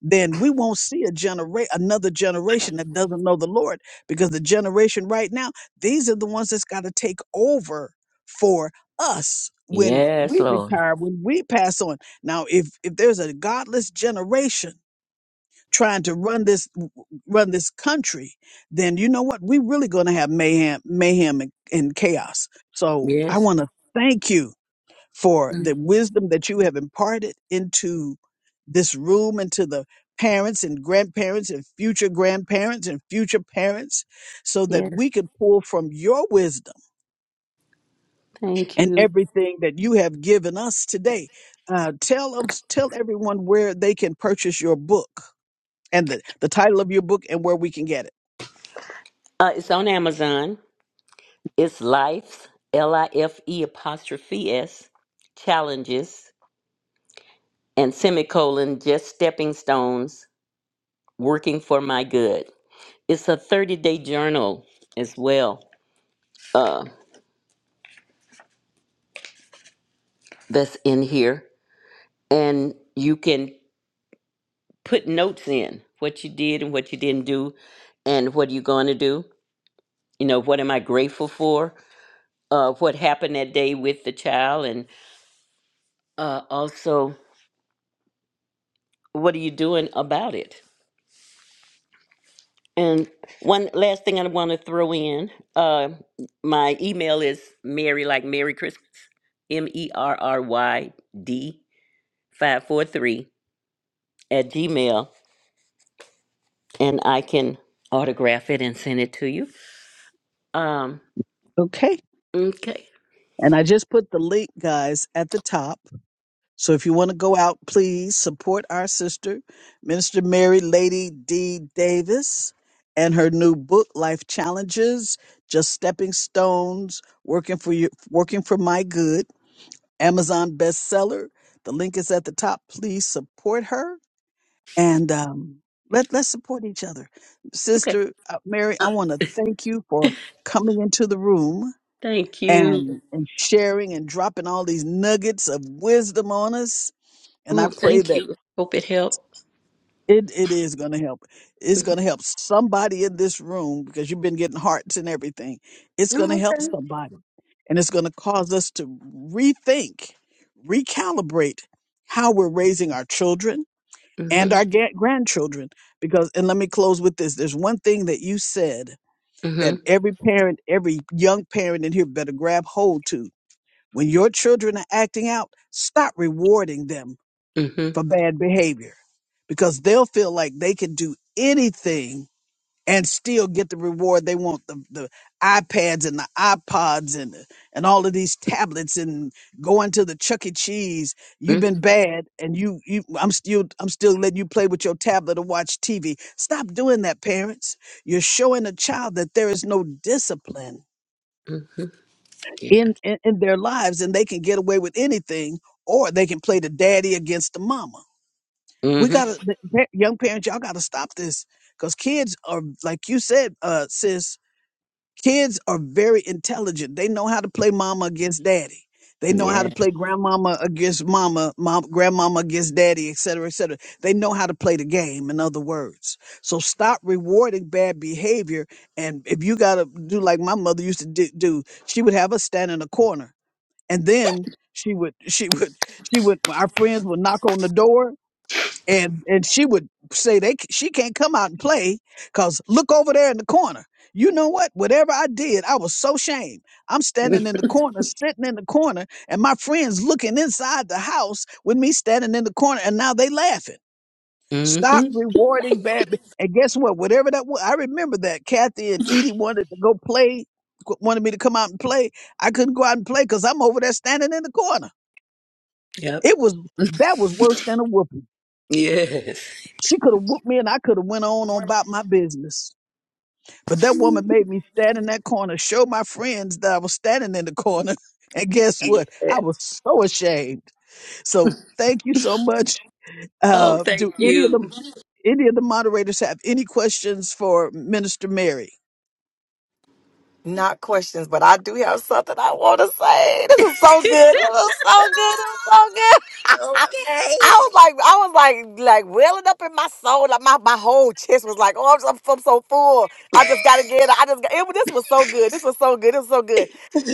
then we won't see a genera- another generation that doesn't know the Lord because the generation right now, these are the ones that's got to take over for us when
Yes,
we
Lord.
retire, when we pass on. Now, if if there's a godless generation trying to run this run this country, then you know what? We're really going to have mayhem, mayhem and, and chaos. So I
Yes.
want to thank you for
Mm.
the wisdom that you have imparted into this room into the parents and grandparents and future grandparents and future parents so that
Yes.
we could pull from your wisdom
Thank
and
you.
everything that you have given us today. Uh, tell us, tell everyone where they can purchase your book and the, the title of your book and where we can get it.
Uh, it's on Amazon. It's Life's L I F E apostrophe S challenges and semicolon just stepping stones working for my good. It's a 30 day journal as well. Uh, that's in here, and you can. put notes in what you did and what you didn't do and what are you going to do you know what am i grateful for uh, what happened that day with the child and uh, also what are you doing about it and one last thing i want to throw in uh, my email is mary like merry christmas m-e-r-r-y-d 543 at gmail and i can autograph it and send it to you um
Okay.
okay
And I just put the link, guys, at the top. So if you want to go out, please support our sister, Minister Mary Lady D. Davis, and her new book, Life Challenges, Just Stepping Stones, Working for You, Working for My Good. Amazon bestseller. The link is at the top. Please support her and um, let let's support each other.
okay
Sister uh, Mary, I want to thank you for coming into the room
Thank you.
and and sharing and dropping all these nuggets of wisdom on us. And I
Oh,
pray
thank
that
you. Hope it helped.
It it is going to help. It's
hmm
going to help somebody in this room because you've been getting hearts and everything. It's going to
Oh,
help
okay.
somebody, and it's going to cause us to rethink, recalibrate how we're raising our children and
hmm
our ga- grandchildren. Because and let me close with this. There's one thing that you said that every parent, every young parent in here better grab hold to. When your children are acting out, stop rewarding them
hmm
for bad behavior because they'll feel like they can do anything and still get the reward they want the, the iPads and the iPods and the, and all of these tablets and going to the Chuck E. Cheese. You've been bad and you, you I'm still I'm still letting you play with your tablet or watch TV. Stop doing that, parents. You're showing a child that there is no discipline in, in, in their lives and they can get away with anything or they can play the daddy against the mama
hmm
we
hmm
gotta the pa- young parents y'all gotta stop this because kids are like you said uh sis kids are very intelligent they know how to play mama against daddy they know how
Yeah.
to play grandmama against mama mom grandmama against daddy et cetera et cetera they know how to play the game in other words so stop rewarding bad behavior and if you gotta do like my mother used to di- do she would have us stand in a corner and then she would she <laughs> would she would our friends would knock on the door and and she would say they c- she can't come out and play because look over there in the corner you know what whatever i did i was so shamed i'm
hmm Yeah.
standing in the corner sitting in the corner and my friends looking inside the house with me standing in the corner and now they laughing stop
hmm
rewarding bad be- and guess what whatever that was i remember that kathy and edie wanted to go play qu- wanted me to come out and play i couldn't go out and play because i'm over there standing in the corner
Yep.
it was that was worse than a whooping
Yes.
She could have whooped me and I could have went on on
<laughs>
about my business. But that woman made me stand in that corner, show my friends that I was standing in the corner. <laughs> And guess what? I
Yes.
was so ashamed. So thank you so much.
Oh,
Uh,
thank
do any of the
you.
any of the moderators have any questions for Minister Mary?
not questions, but I do have something I want to say. This was so good. It was so good. It
<laughs>
was so good. <laughs>
okay.
I was like, I was like, like welling up in my soul. Like my, my whole chest was like, oh, I'm, so- I'm so full. I just gotta get. it. I just. Got, It, this was so good. This was so good. It was so good.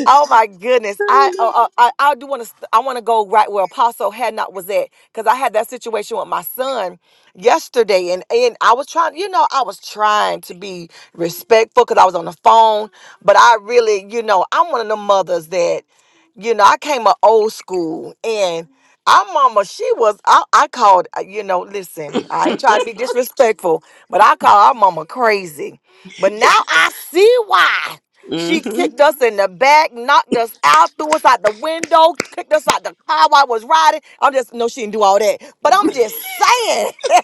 Oh my goodness! I
Oh,
uh, I I I do want to I want to go right where Apostle Hadnot was at because I had that situation with my son yesterday, and and I was trying, you know, I was trying to be respectful because I was on the phone, but I really, you know, I'm one of the mothers that you know, I came a old school and our mama, she was, I, I called, uh, you know, listen, I ain't trying
no.
to be disrespectful, but I call our mama crazy. But now I see why.
<laughs>
She
hmm
kicked us in the back, knocked us out, threw us out the window, kicked us out the car while I was riding. I'm just, no, she didn't do all that. But I'm just saying, <laughs>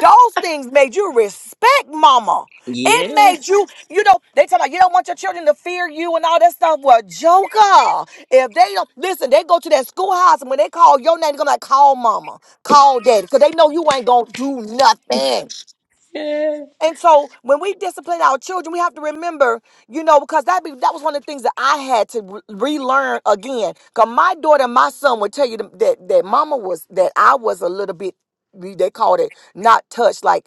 those things made you respect mama. It
Yes.
made you, you know, they tell you you don't want your children to fear you and all that stuff. Well, joker. If they don't listen, they go to that schoolhouse and when they call your name, they're gonna like call mama, call daddy, because they know you ain't gonna do nothing.
Yeah.
And so when we discipline our children, we have to remember, you know, because that be that was one of the things that I had to re- relearn again. Cause my daughter and my son would tell you that that mama was that I was a little bit they called it not touched. Like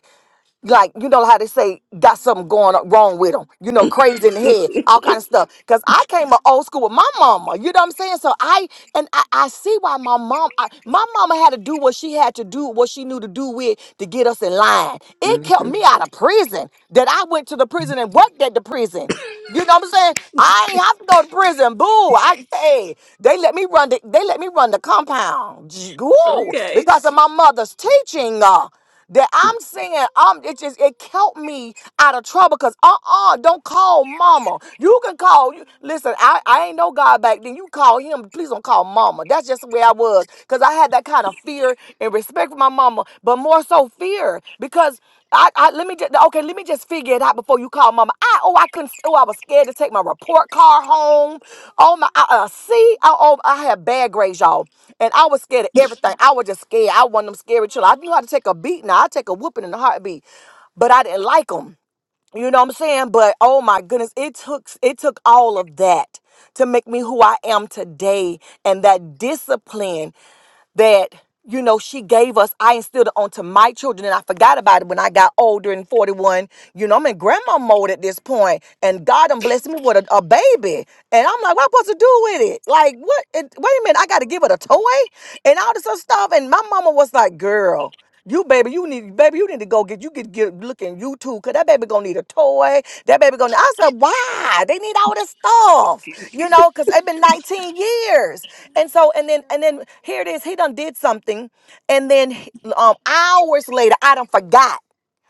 like you know how they say got something going on- wrong with them you know crazy in the head all kind of stuff because i came up old school with my mama you know what i'm saying so i and i, I see why my mom I, my mama had to do what she had to do what she knew to do with to get us in line it
hmm
kept me out of prison that i went to the prison and worked at the prison you know what I'm saying? I ain't have to go to prison. Boo! I hey, they let me run. The, they let me run the compound. Gee, Woo!
Okay.
Because of my mother's teaching. Uh, that I'm saying, um, it just it kept me out of trouble. Cause uh uh-uh, uh, do not call mama. You can call you. Listen, I I ain't no God back then. You call him. Please don't call mama. That's just the way I was. Cause I had that kind of fear and respect for my mama, but more so fear because. I, I let me just okay. Let me just figure it out before you call mama. I oh I couldn't. Oh I was scared to take my report card home. Oh my uh, uh, see. I, oh I had bad grades, y'all, and I was scared of everything. I was just scared. I wasn't them scary children. I knew how to take a beat. Now I take a whooping in a heartbeat, but I didn't like them. You know what I'm saying? But oh my goodness, it took it took all of that to make me who I am today, and that discipline that you know she gave us i instilled it onto my children and i forgot about it when i got older and 41 you know i'm in grandma mode at this point and god done blessed me with a, a baby and i'm like what am i supposed to do with it like what it, wait a minute i gotta give it a toy and all this other stuff and my mama was like girl you baby, you need baby, you need to go get you get get looking YouTube cause that baby gonna need a toy. That baby gonna I said, why? They need all this stuff. You know, cause it's been 19 years. And so and then and then here it is, he done did something, and then um hours later I done forgot.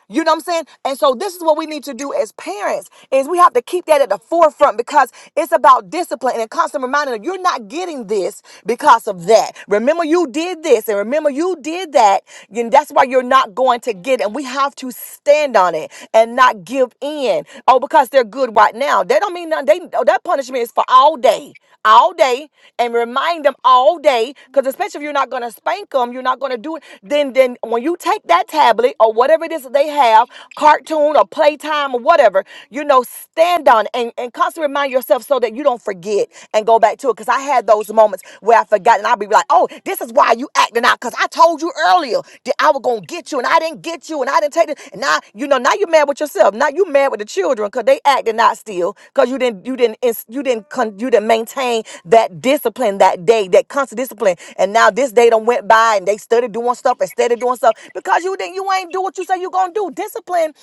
You know what I'm saying? And so this is what we need to do as parents is we have to keep that at the forefront because it's about discipline and a constant reminder that you're not getting this because of that. Remember you did this and remember you did that. And that's why you're not going to get it. And we have to stand on it and not give in. Oh, because they're good right now. They don't mean nothing. They, oh, that punishment is for all day all day and remind them all day way, because especially if you're not going to spank them, you're not going to do it. Then, then when you take that tablet or whatever it is that they have, cartoon or playtime or whatever, you know, stand on it and, and constantly remind yourself so that you don't forget and go back to it. Because I had those moments where I forgot and I'd be like, oh, this is why you acting out. Because I told you earlier that I was going to get you and I didn't get you and I didn't take it. And now, you know, now you're mad with yourself. Now you mad with the children because they acting out still because you didn't you didn't ins- you didn't con- you didn't maintain that discipline that day that constant discipline and now this day done went by and they started doing stuff instead of doing stuff because you didn't you ain't do what you say you're gonna do discipline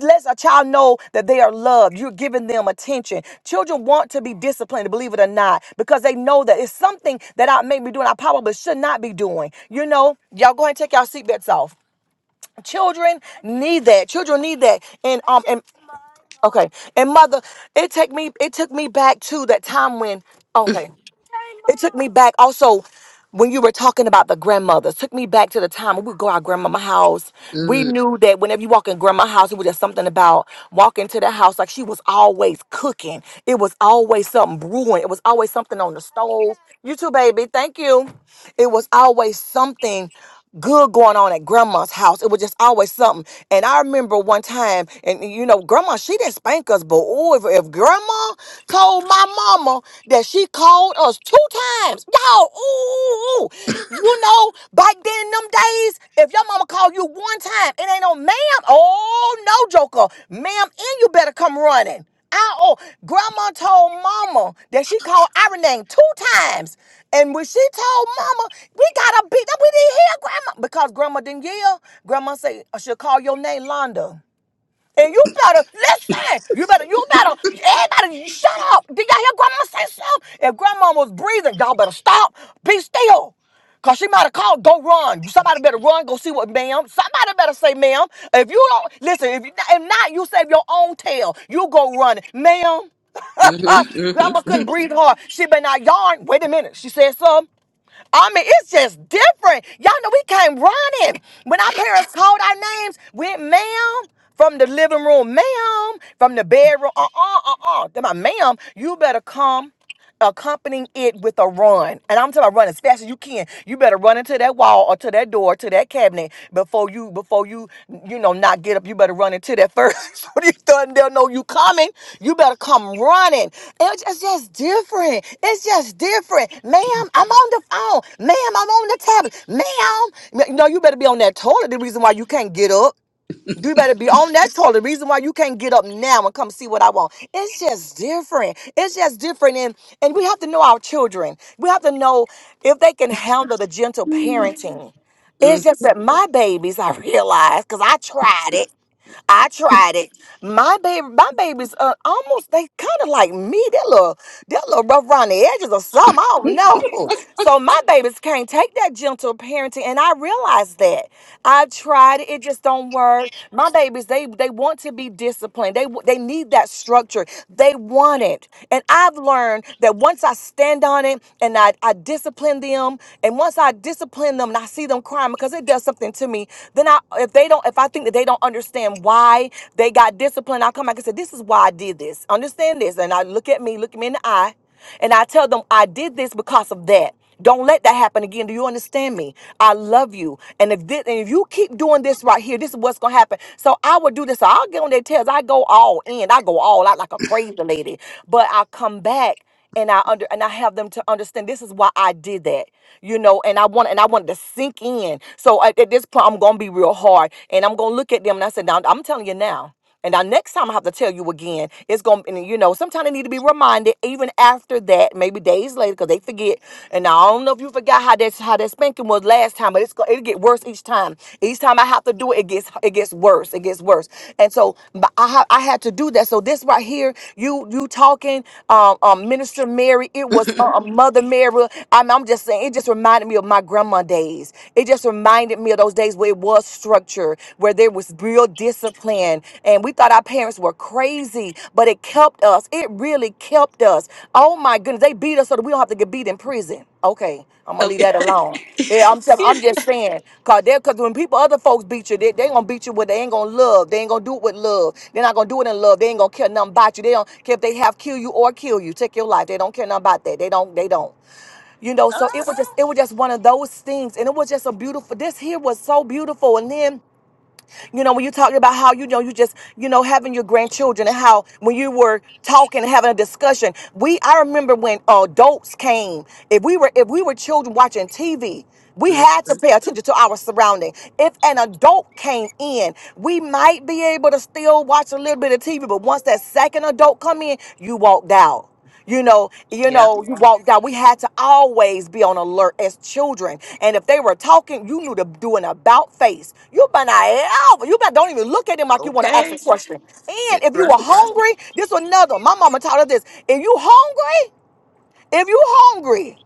lets a child know that they are loved you're giving them attention children want to be disciplined believe it or not because they know that it's something that I may be doing I probably should not be doing you know y'all go ahead and take your seatbelts off Children need that. Children need that. And um, Okay. And mother, it take me it took me back to that time when okay. It took me back also when you were talking about the grandmothers, took me back to the time when we would go to our grandmama house. We
hmm
knew that whenever you walk in grandma's house, it was just something about walking to the house. Like she was always cooking. It was always something brewing. It was always something on the stove. You too, baby. Thank you. It was always something good going on at grandma's house. It was just always something. And I remember one time, and you know, grandma, she didn't spank us, but oh, if, if grandma told my mama that she called us two times, y'all, ooh, ooh, ooh. you know, back then them days, if your mama called you one time, it ain't no ma'am. Oh, no, Joker. Ma'am, and you better come running. I oh, grandma told mama that she called our name two times. And when she told mama, we got a beat up, we didn't hear grandma. Because grandma didn't yell, grandma said, I should call your name Londa. And you better listen. You better, you better, everybody, you shut up. Did y'all hear grandma say something? If grandma was breathing, y'all better stop. Be still. Cause she might have called, go run. Somebody better run, go see what ma'am. Somebody better say ma'am. If you don't listen, if, you, if not, you save your own tail. You go run. Ma'am,
hmm
grandma couldn't breathe hard. She been out yarn. Wait a minute. She said something. I mean, it's just different. Y'all know we came running. When our parents called our names, went, ma'am, from the living room, ma'am, from the bedroom, uh uh uh uh. Then my ma'am, you better come accompanying it with a run. And I'm talking about run as fast as you can. You better run into that wall or to that door door to that cabinet before you before you you know not get up. You better run into that first. <laughs> you done? They'll know you coming. You better come running. It's just, it's just different. It's just different, ma'am. I'm on the phone, ma'am. I'm on the tablet, ma'am. No, you better be on that toilet. The reason why you can't get up. You better be on that toilet. The reason why you can't get up now and come see what I want. It's just different. It's just different. And and we have to know our children. We have to know if they can handle the gentle parenting.
hmm
It's just that my babies, I realized, because I tried it. I tried it. My baby, my babies uh, almost they kind of like me. They're little, they're little rough around the edges or something. I don't know. <laughs> So my babies can't take that gentle parenting, and I realized that. I tried it; it just don't work. My babies, they they want to be disciplined. They w- they need that structure. They want it, and I've learned that once I stand on it and I I discipline them, and once I discipline them and I see them crying because it does something to me, then I if they don't, if I think that they don't understand why they got disciplined, I'll come back and say, this is why I did this. Understand this. And I look at me, look me in the eye, and I tell them, I did this because of that. Don't let that happen again. Do you understand me? I love you. And if this, and if you keep doing this right here, this is what's gonna happen. So I would do this. So I'll get on their tails. I go all in. I go all out like a crazy lady. But I come back and I under and I have them to understand this is why I did that, you know. And I want and I wanted to sink in. So at, at this point, I'm gonna be real hard, and I'm gonna look at them and I said, now I'm telling you now. And now next time I have to tell you again, it's gonna and you know, sometimes they need to be reminded even after that, maybe days later, because they forget. And I don't know if you forgot how that how that spanking was last time, but it's go- it get worse each time. Each time I have to do it, it gets it gets worse. It gets worse. And so but I ha- I had to do that. So this right here, you you talking, um, um Minister Mary, it
<laughs>
was uh, uh, Mother Mary. I'm, I'm just saying, it just reminded me of my grandma days. It just reminded me of those days where it was structure, where there was real discipline, and we thought our parents were crazy, but it kept us. It really kept us. Oh my goodness, they beat us so that we don't have to get beat in prison. Okay, I'm gonna leave
Okay.
that alone. Yeah, I'm
<laughs>
telling,
yeah.
I'm just saying, cause they, cause when people, other folks beat you, they, they gonna beat you with, they ain't gonna love, they ain't gonna do it with love, they're not gonna do it in love, they ain't gonna care nothing about you, they don't care if they have kill you or kill you, take your life, they don't care nothing about that, they don't, they don't, you know. So it was just, it was just one of those things, and it was just a beautiful. This here was so beautiful, and then. You know, when you talked about how you know you just you know having your grandchildren and how when you were talking and having a discussion, we I remember when uh, adults came. If we were if we were children watching TV, we
hmm
had to pay attention to our surrounding. If an adult came in, we might be able to still watch a little bit of TV, but once that second adult come in, you walked out. You know, you
Yeah.
know, you walked out. We had to always be on alert as children. And if they were talking, you knew to do an about face. You better not ever, you better don't even look at them like you want to ask a
Okay.
question. And
That's
if you were
right.
hungry, this was another. My mama taught us this. If you hungry, if you hungry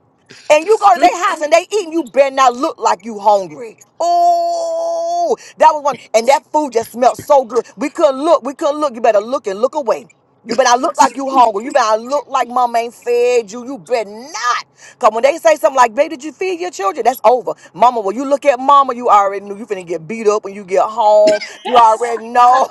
and you go to
<laughs>
their house and they eating, you better not look like you hungry. Oh, that was one. And that food just smelled so good. We couldn't look. We couldn't look. You better look and look away. You better not look like you hungry. You better not look like mama ain't fed you. You better not. Cause when they say something like, babe, did you feed your children? That's over. Mama, when you look at mama, you already knew you finna get beat up when you get home. You already know.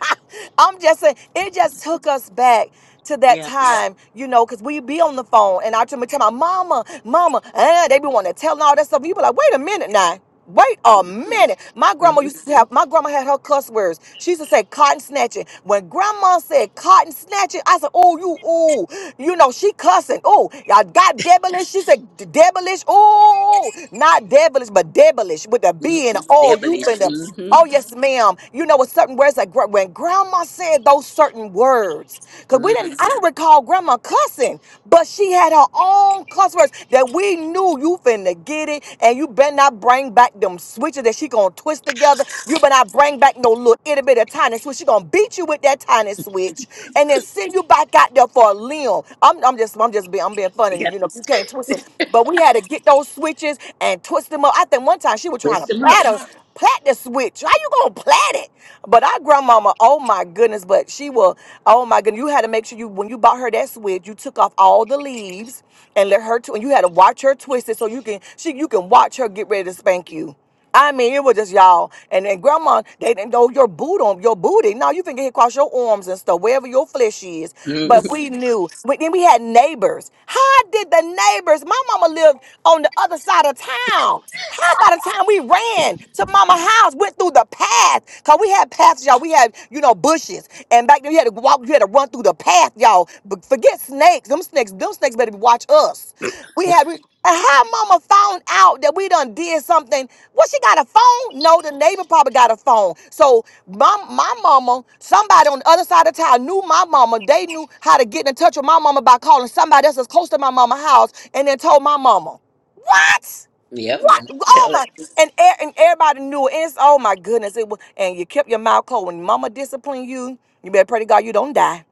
<laughs> I'm just saying, it just took us back to that
Yeah.
time, you know, because we be on the phone and I tell me, tell my mama, mama, eh, they be wanting to tell all that stuff. You be like, wait a minute now. Wait a minute. My grandma
Mm-hmm.
used to have, my grandma had her cuss words. She used to say cotton snatching. When grandma said cotton snatching, I said, oh, you, oh, you know, she cussing. Oh, y'all got devilish. She said devilish. Oh, not devilish, but devilish with the
mm
B and the O. You
Devilish.
finna,
Mm-hmm.
oh, yes, ma'am them. You know, with certain words that gr- when grandma said those certain words, because we
mm
didn't, I don't recall grandma cussing, but she had her own cuss words that we knew you finna get it, and you better not bring back them switches that she gonna twist together. You better not bring back no little itty bitty tiny switch. She gonna beat you with that tiny switch, and then send you back out there for a limb. I'm, I'm just, I'm just being, I'm being
You
funny.
got to
You know, you can't twist it, but we had to get those switches and twist them up. I think one time she was trying
twist
to
them up.
pat us. Plat the switch. How you gonna plat it? But our grandmama, oh my goodness, but she will, oh my goodness, you had to make sure you when you bought her that switch, you took off all the leaves and let her tw- and you had to watch her twist it so you can she you can watch her get ready to spank you. I mean, it was just y'all. And then grandma, they didn't know your boot on your booty. Now you can get across your arms and stuff, wherever your flesh is. But
Mm-hmm.
we knew. But then we had neighbors. How did the neighbors? My mama lived on the other side of town. How by the time we ran to mama house, went through the path, cause we had paths, y'all. We had, you know, bushes. And back then you had to walk, you had to run through the path, y'all. But forget snakes. Them snakes, them snakes better watch us. We
Oh,
had we, and how mama found out that we done did something. Well, she got a phone? No, the neighbor probably got a phone. So my my mama, somebody on the other side of town knew my mama. They knew how to get in touch with my mama by calling somebody else that's close to my mama house and then told my mama. What?
Yep.
What? Oh
Tell it.
my! And e- and everybody knew it. And it's oh my goodness! It was, and you kept your mouth closed. When Mama disciplined you, you better pray to God you don't die.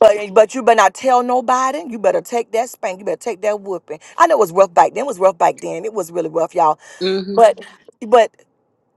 But but you better not tell nobody. You better take that spank. You better take that whooping. I know it was rough back then. It was rough back then. It was really rough, y'all.
Mm-hmm.
But but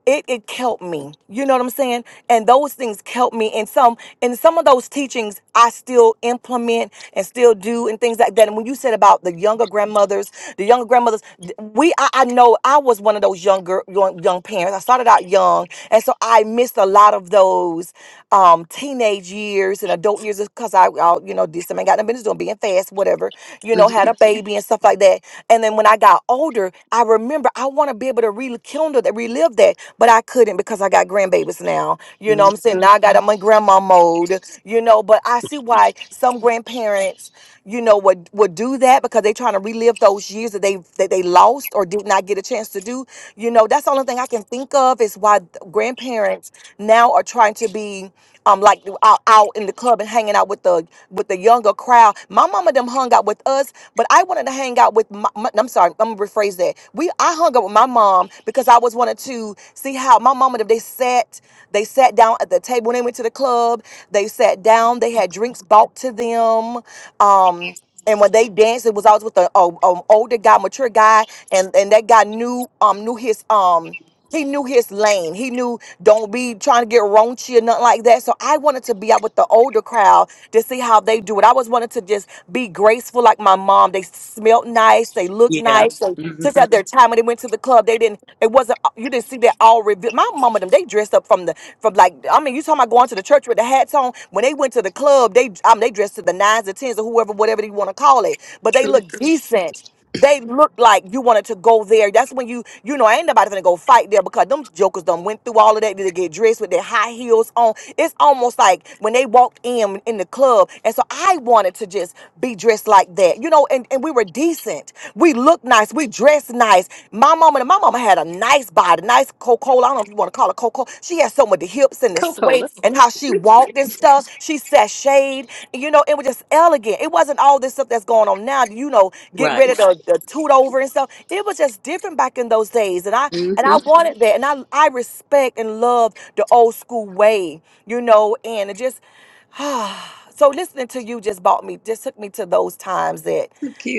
it it helped me you know what i'm saying and those things helped me and some and some of those teachings i still implement and still do and things like that and when you said about the younger grandmothers the younger grandmothers th- we i, I know i was one of those younger young, young parents i started out young and so i missed a lot of those um, teenage years and adult years because I, I, you know, did something, got no business doing, being fast, whatever, you know,
Mm-hmm.
had a baby and stuff like that. And then when I got older, I remember I want to be able to rekindle that, relive that, but I couldn't because I got grandbabies now. You know what I'm saying?
Mm-hmm.
Now I got I'm in grandma mode, you know, but I see why some grandparents, you know, would, would do that because they trying to relive those years that they that they lost or did not get a chance to do. You know, that's the only thing I can think of is why th- grandparents now are trying to be um, like out, out in the club and hanging out with the with the younger crowd. My mama them hung out with us, but I wanted to hang out with. My, my, I'm sorry, I'm gonna rephrase that. We I hung out with my mom because I was wanted to see how my mama them they sat they sat down at the table when they went to the club. They sat down. They had drinks bought to them. Um, and when they danced, it was always with an older guy, mature guy, and and that guy knew um knew his um. He knew his lane. He knew don't be trying to get raunchy or nothing like that. So I wanted to be out with the older crowd to see how they do it. I was wanted to just be graceful like my mom. They smelled nice. They looked
Yeah.
nice. They took
Mm-hmm.
out their time when they went to the club. They didn't. It wasn't. uh, You didn't see that all revealed. My mama them. They dressed up from the from like. I mean, you talking about going to the church with the hats on? When they went to the club, they I mean, they dressed to the nines or tens or whoever whatever you want to call it. But they
True.
looked decent. They looked like you wanted to go there. That's when you, you know, ain't nobody gonna go fight there because them jokers done went through all of that. They get dressed with their high heels on. It's almost like when they walked in in the club. And so I wanted to just be dressed like that, you know, and, and we were decent. We looked nice. We dressed nice. My mama and my mama had a nice body, nice Coca I don't know if you want to call her Coca She had so much the hips and the sway
Coca-Cola.
and how she walked and stuff. She sashayed, you know, it was just elegant. It wasn't all this this stuff that's going on now, you know, get
Right.
rid of the, the toot over and stuff. It was just different back in those days. And I and I
Mm-hmm.
wanted that. And I I respect and love the old school way, you know, and it just <sighs> so listening to you just brought me just took me to those times that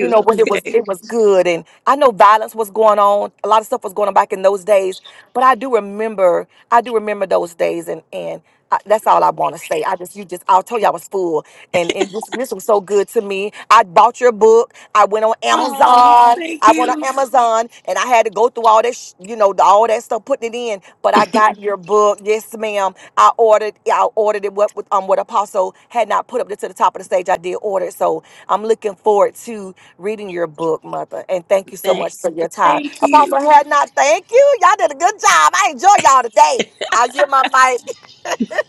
you know when it was
Okay.
it was good and i know violence was going on a lot of stuff was going on back in those days but i do remember i do remember those days and and I, that's all i want to say i just you just i told you i was full and, and this, this was so good to me. I bought your book. I went on
Oh,
Amazon.
thank
I went on
you.
Amazon and I had to go through all that, sh- you know, the- all that stuff, putting it in. But I got your book. Yes, ma'am. I ordered. yeah, I ordered it. What with, um what Apostle had not put up to the top of the stage. I did order it. So I'm looking forward to reading your book, Mother. And thank you so
Thank,
much for your time,
thank you.
Apostle had not. Thank you. Y'all did a good job. I enjoy y'all today. I give my mic.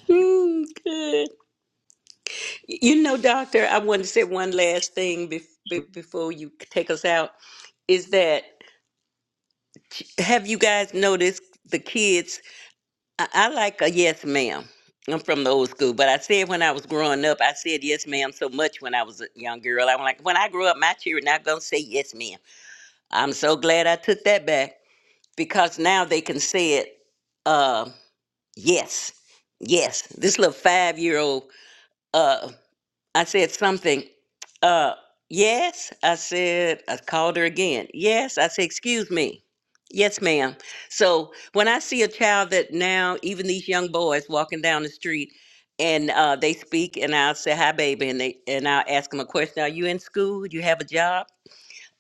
Mm, good. You know, Doctor, I want to say one last thing bef- be- before you take us out. Is that? Have you guys noticed the kids? I, I like a yes, ma'am. I'm from the old school, but I said when I was growing up, I said yes, ma'am, so much when I was a young girl. I'm like, when I grow up, my children not gonna say yes, ma'am. I'm so glad I took that back because now they can say it. Uh, yes, yes. This little five year old. uh I said something. Uh, yes, I said, I called her again. Yes, I said, excuse me. Yes, ma'am. So when I see a child that now, even these young boys walking down the street and uh, they speak, and I'll say, hi, baby, and, they, and I'll ask them a question Are you in school? You have a job?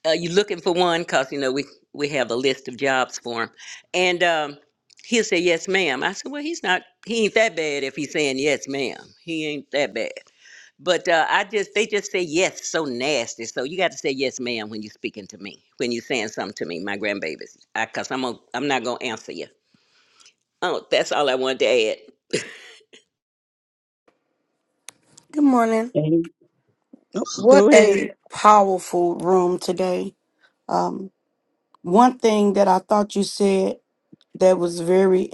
Are you looking for one? Because, you know, we, we have a list of jobs for him, And um, he'll say, Yes, ma'am. I said, Well, he's not, he ain't that bad if he's saying yes, ma'am. He ain't that bad. But uh, I just they just say yes so nasty. So you got to say yes, ma'am, when you're speaking to me, when you're saying something to me, my grandbabies, because I'm gonna, I'm not gonna answer you. Oh, that's all I wanted to add.
Good morning.
Any?
What
Go ahead.
a powerful room today. Um, one thing that I thought you said that was very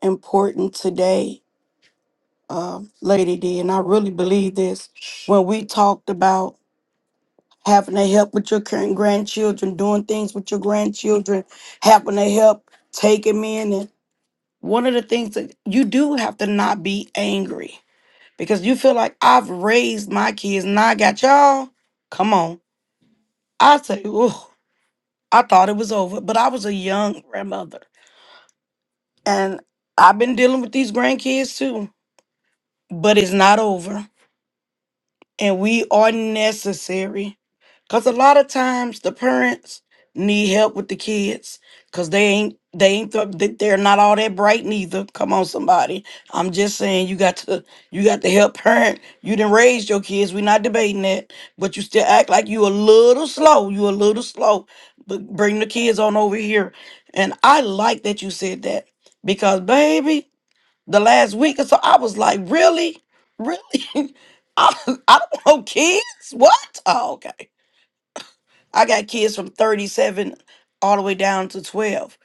important today, uh, Lady D, and I really believe this when we talked about having to help with your current grandchildren, doing things with your grandchildren, having to help, taking them in. And one of the things that you do have to not be angry because you feel like I've raised my kids and I got y'all. Come on. I say, oh, I thought it was over, but I was a young grandmother. And I've been dealing with these grandkids too, but it's not over. and we are necessary because a lot of times the parents need help with the kids because they ain't they ain't th- they- they're not all that bright neither come on somebody i'm just saying you got to you got to help parent you didn't raise your kids we're not debating that but you still act like you a little slow you a little slow but bring the kids on over here and i like that you said that because baby the last week or so i was like really really <laughs> I, don't know kids. What? Oh, okay. I got kids from 37 all the way down to 12.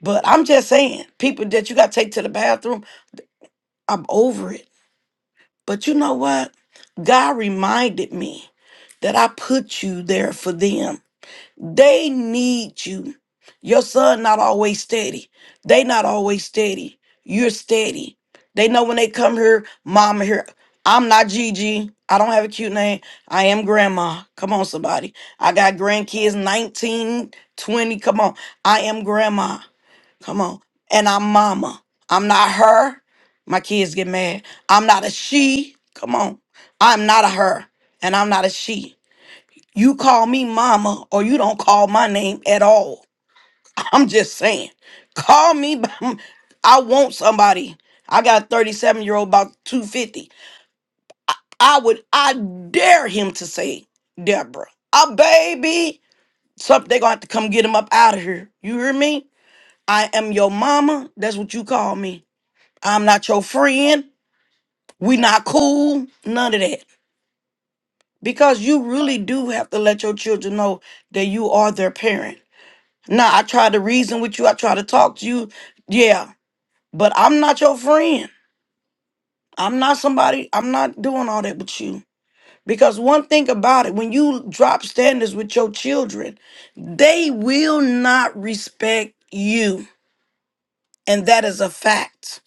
But I'm just saying, people that you got to take to the bathroom, I'm over it. But you know what? God reminded me that I put you there for them. They need you. Your son not always steady. They not always steady. You're steady. They know when they come here, mama here. I'm not Gigi. I don't have a cute name. I am grandma. Come on, somebody. I got grandkids 19, 20. Come on. I am grandma. Come on. And I'm mama. I'm not her. My kids get mad. I'm not a she. Come on. I'm not a her. And I'm not a she. You call me mama or you don't call my name at all. <laughs> I'm just saying. Call me. <laughs> by m- I want somebody. I got a 37 year old about 250. I would, I dare him to say, Deborah, a baby. Something they are gonna have to come get him up out of here. You hear me? I am your mama. That's what you call me. I'm not your friend. We not cool. None of that. Because you really do have to let your children know that you are their parent Nah, I try to reason with you. I try to talk to you. Yeah, but I'm not your friend. I'm not somebody. I'm not doing all that with you. Because one thing about it, when you drop standards with your children, they will not respect you. And that is a fact.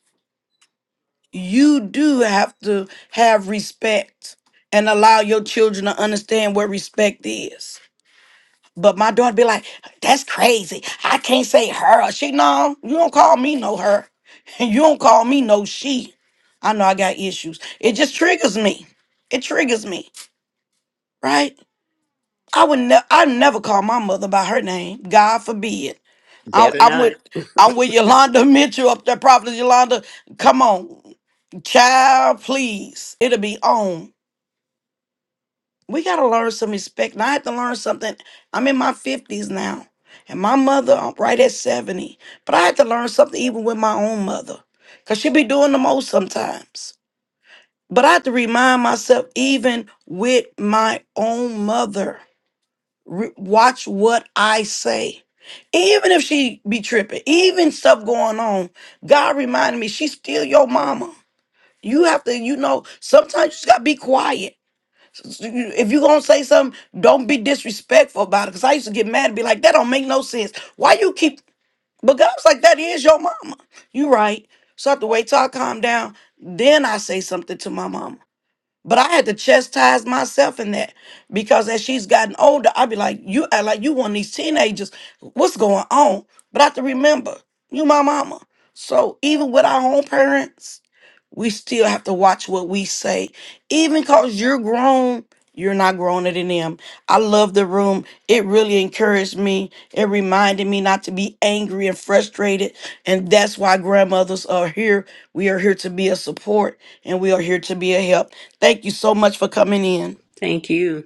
You do have to have respect and allow your children to understand what respect is. But my daughter be like, that's crazy. I can't say her. She, no, you don't call me no her. <laughs> you don't call me no she. I know I got issues. It just triggers me. It triggers me, right? I would never, I never call my mother by her name. God forbid. I,
Better
I'm
not.
with, I'm with Yolanda <laughs> Mitchell up there, Prophet Yolanda. Come on, child, please. It'll be on. we got to learn some respect. And I had to learn something. I'm in my 50s now, and my mother, I'm right at 70. But I had to learn something even with my own mother, because she be doing the most sometimes. But I had to remind myself, even with my own mother, re- watch what I say. Even if she be tripping, even stuff going on, God reminded me, she's still your mama. You have to, you know, sometimes you just got to be quiet if you gonna say something, don't be disrespectful about it. Cause I used to get mad and be like, that don't make no sense. Why you keep? But God's like, that is your mama. You right. So I have to wait till I calm down. Then I say something to my mama. But I had to chastise myself in that because as she's gotten older, I'd be like, you act like you one of these teenagers. What's going on? But I have to remember, you my mama. So even with our own parents, we still have to watch what we say. Even cause you're grown, you're not growing than them. I love the room. It really encouraged me. It reminded me not to be angry and frustrated. And that's why grandmothers are here. We are here to be a support and we are here to be a help. Thank you so much for coming in.
Thank you.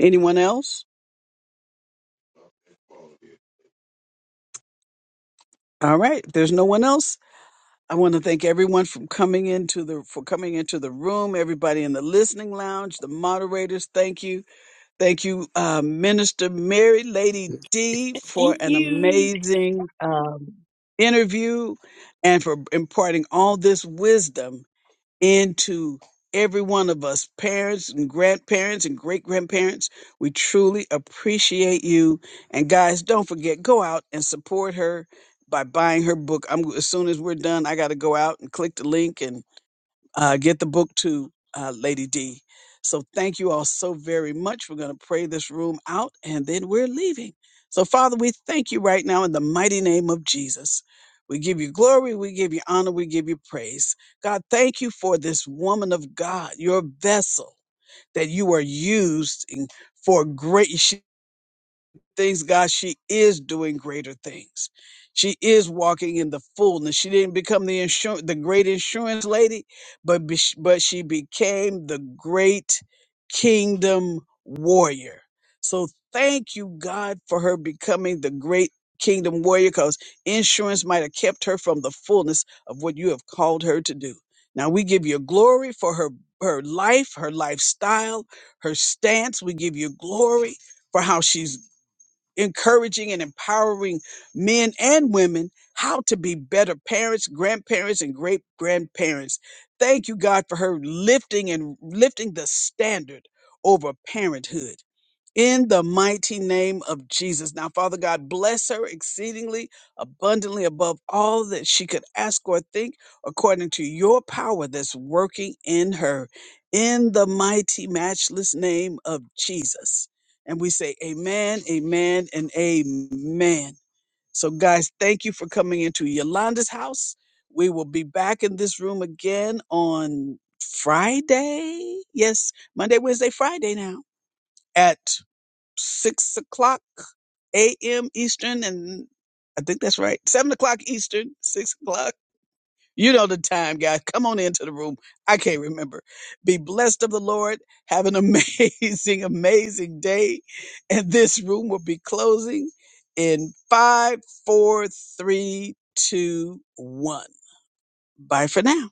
Anyone else? All right. If there's no one else, I want to thank everyone from coming into the for coming into the room, everybody in the listening lounge, the moderators, thank you. Thank you, uh, Minister Mary Lady D, for
Thank
an
you.
amazing uh, interview and for imparting all this wisdom into every one of us, parents and grandparents and great grandparents. We truly appreciate you. And guys, don't forget, go out and support her by buying her book. I'm as soon as we're done, I got to go out and click the link and uh, get the book to uh, Lady D. So thank you all so very much. We're going to pray this room out and then we're leaving. So, Father, we thank you right now in the mighty name of Jesus. We give you glory, we give you honor, we give you praise. God, thank you for this woman of God, your vessel that you are used in- for great things, God, she is doing greater things. She is walking in the fullness. She didn't become the insurance, the great insurance lady, but be- but she became the great kingdom warrior. So thank you, God, for her becoming the great kingdom warrior, because insurance might have kept her from the fullness of what you have called her to do. Now we give you glory for her her life, her lifestyle, her stance. We give you glory for how she's encouraging and empowering men and women how to be better parents, grandparents, and great grandparents. Thank you, God, for her lifting and lifting the standard over parenthood in the mighty name of Jesus. Now, Father God, bless her exceedingly abundantly above all that she could ask or think, according to your power that's working in her, in the mighty, matchless name of Jesus. And we say, Amen, Amen, and Amen. So, guys, thank you for coming into Yolanda's house. We will be back in this room again on Friday. Yes, Monday, Wednesday, Friday now at six o'clock a.m. Eastern, and I think that's right, seven o'clock Eastern, six o'clock. You know the time, guys. Come on into the room. I can't remember. Be blessed of the Lord. Have an amazing, <laughs> amazing day. And this room will be closing in five, four, three, two, one. Bye for now.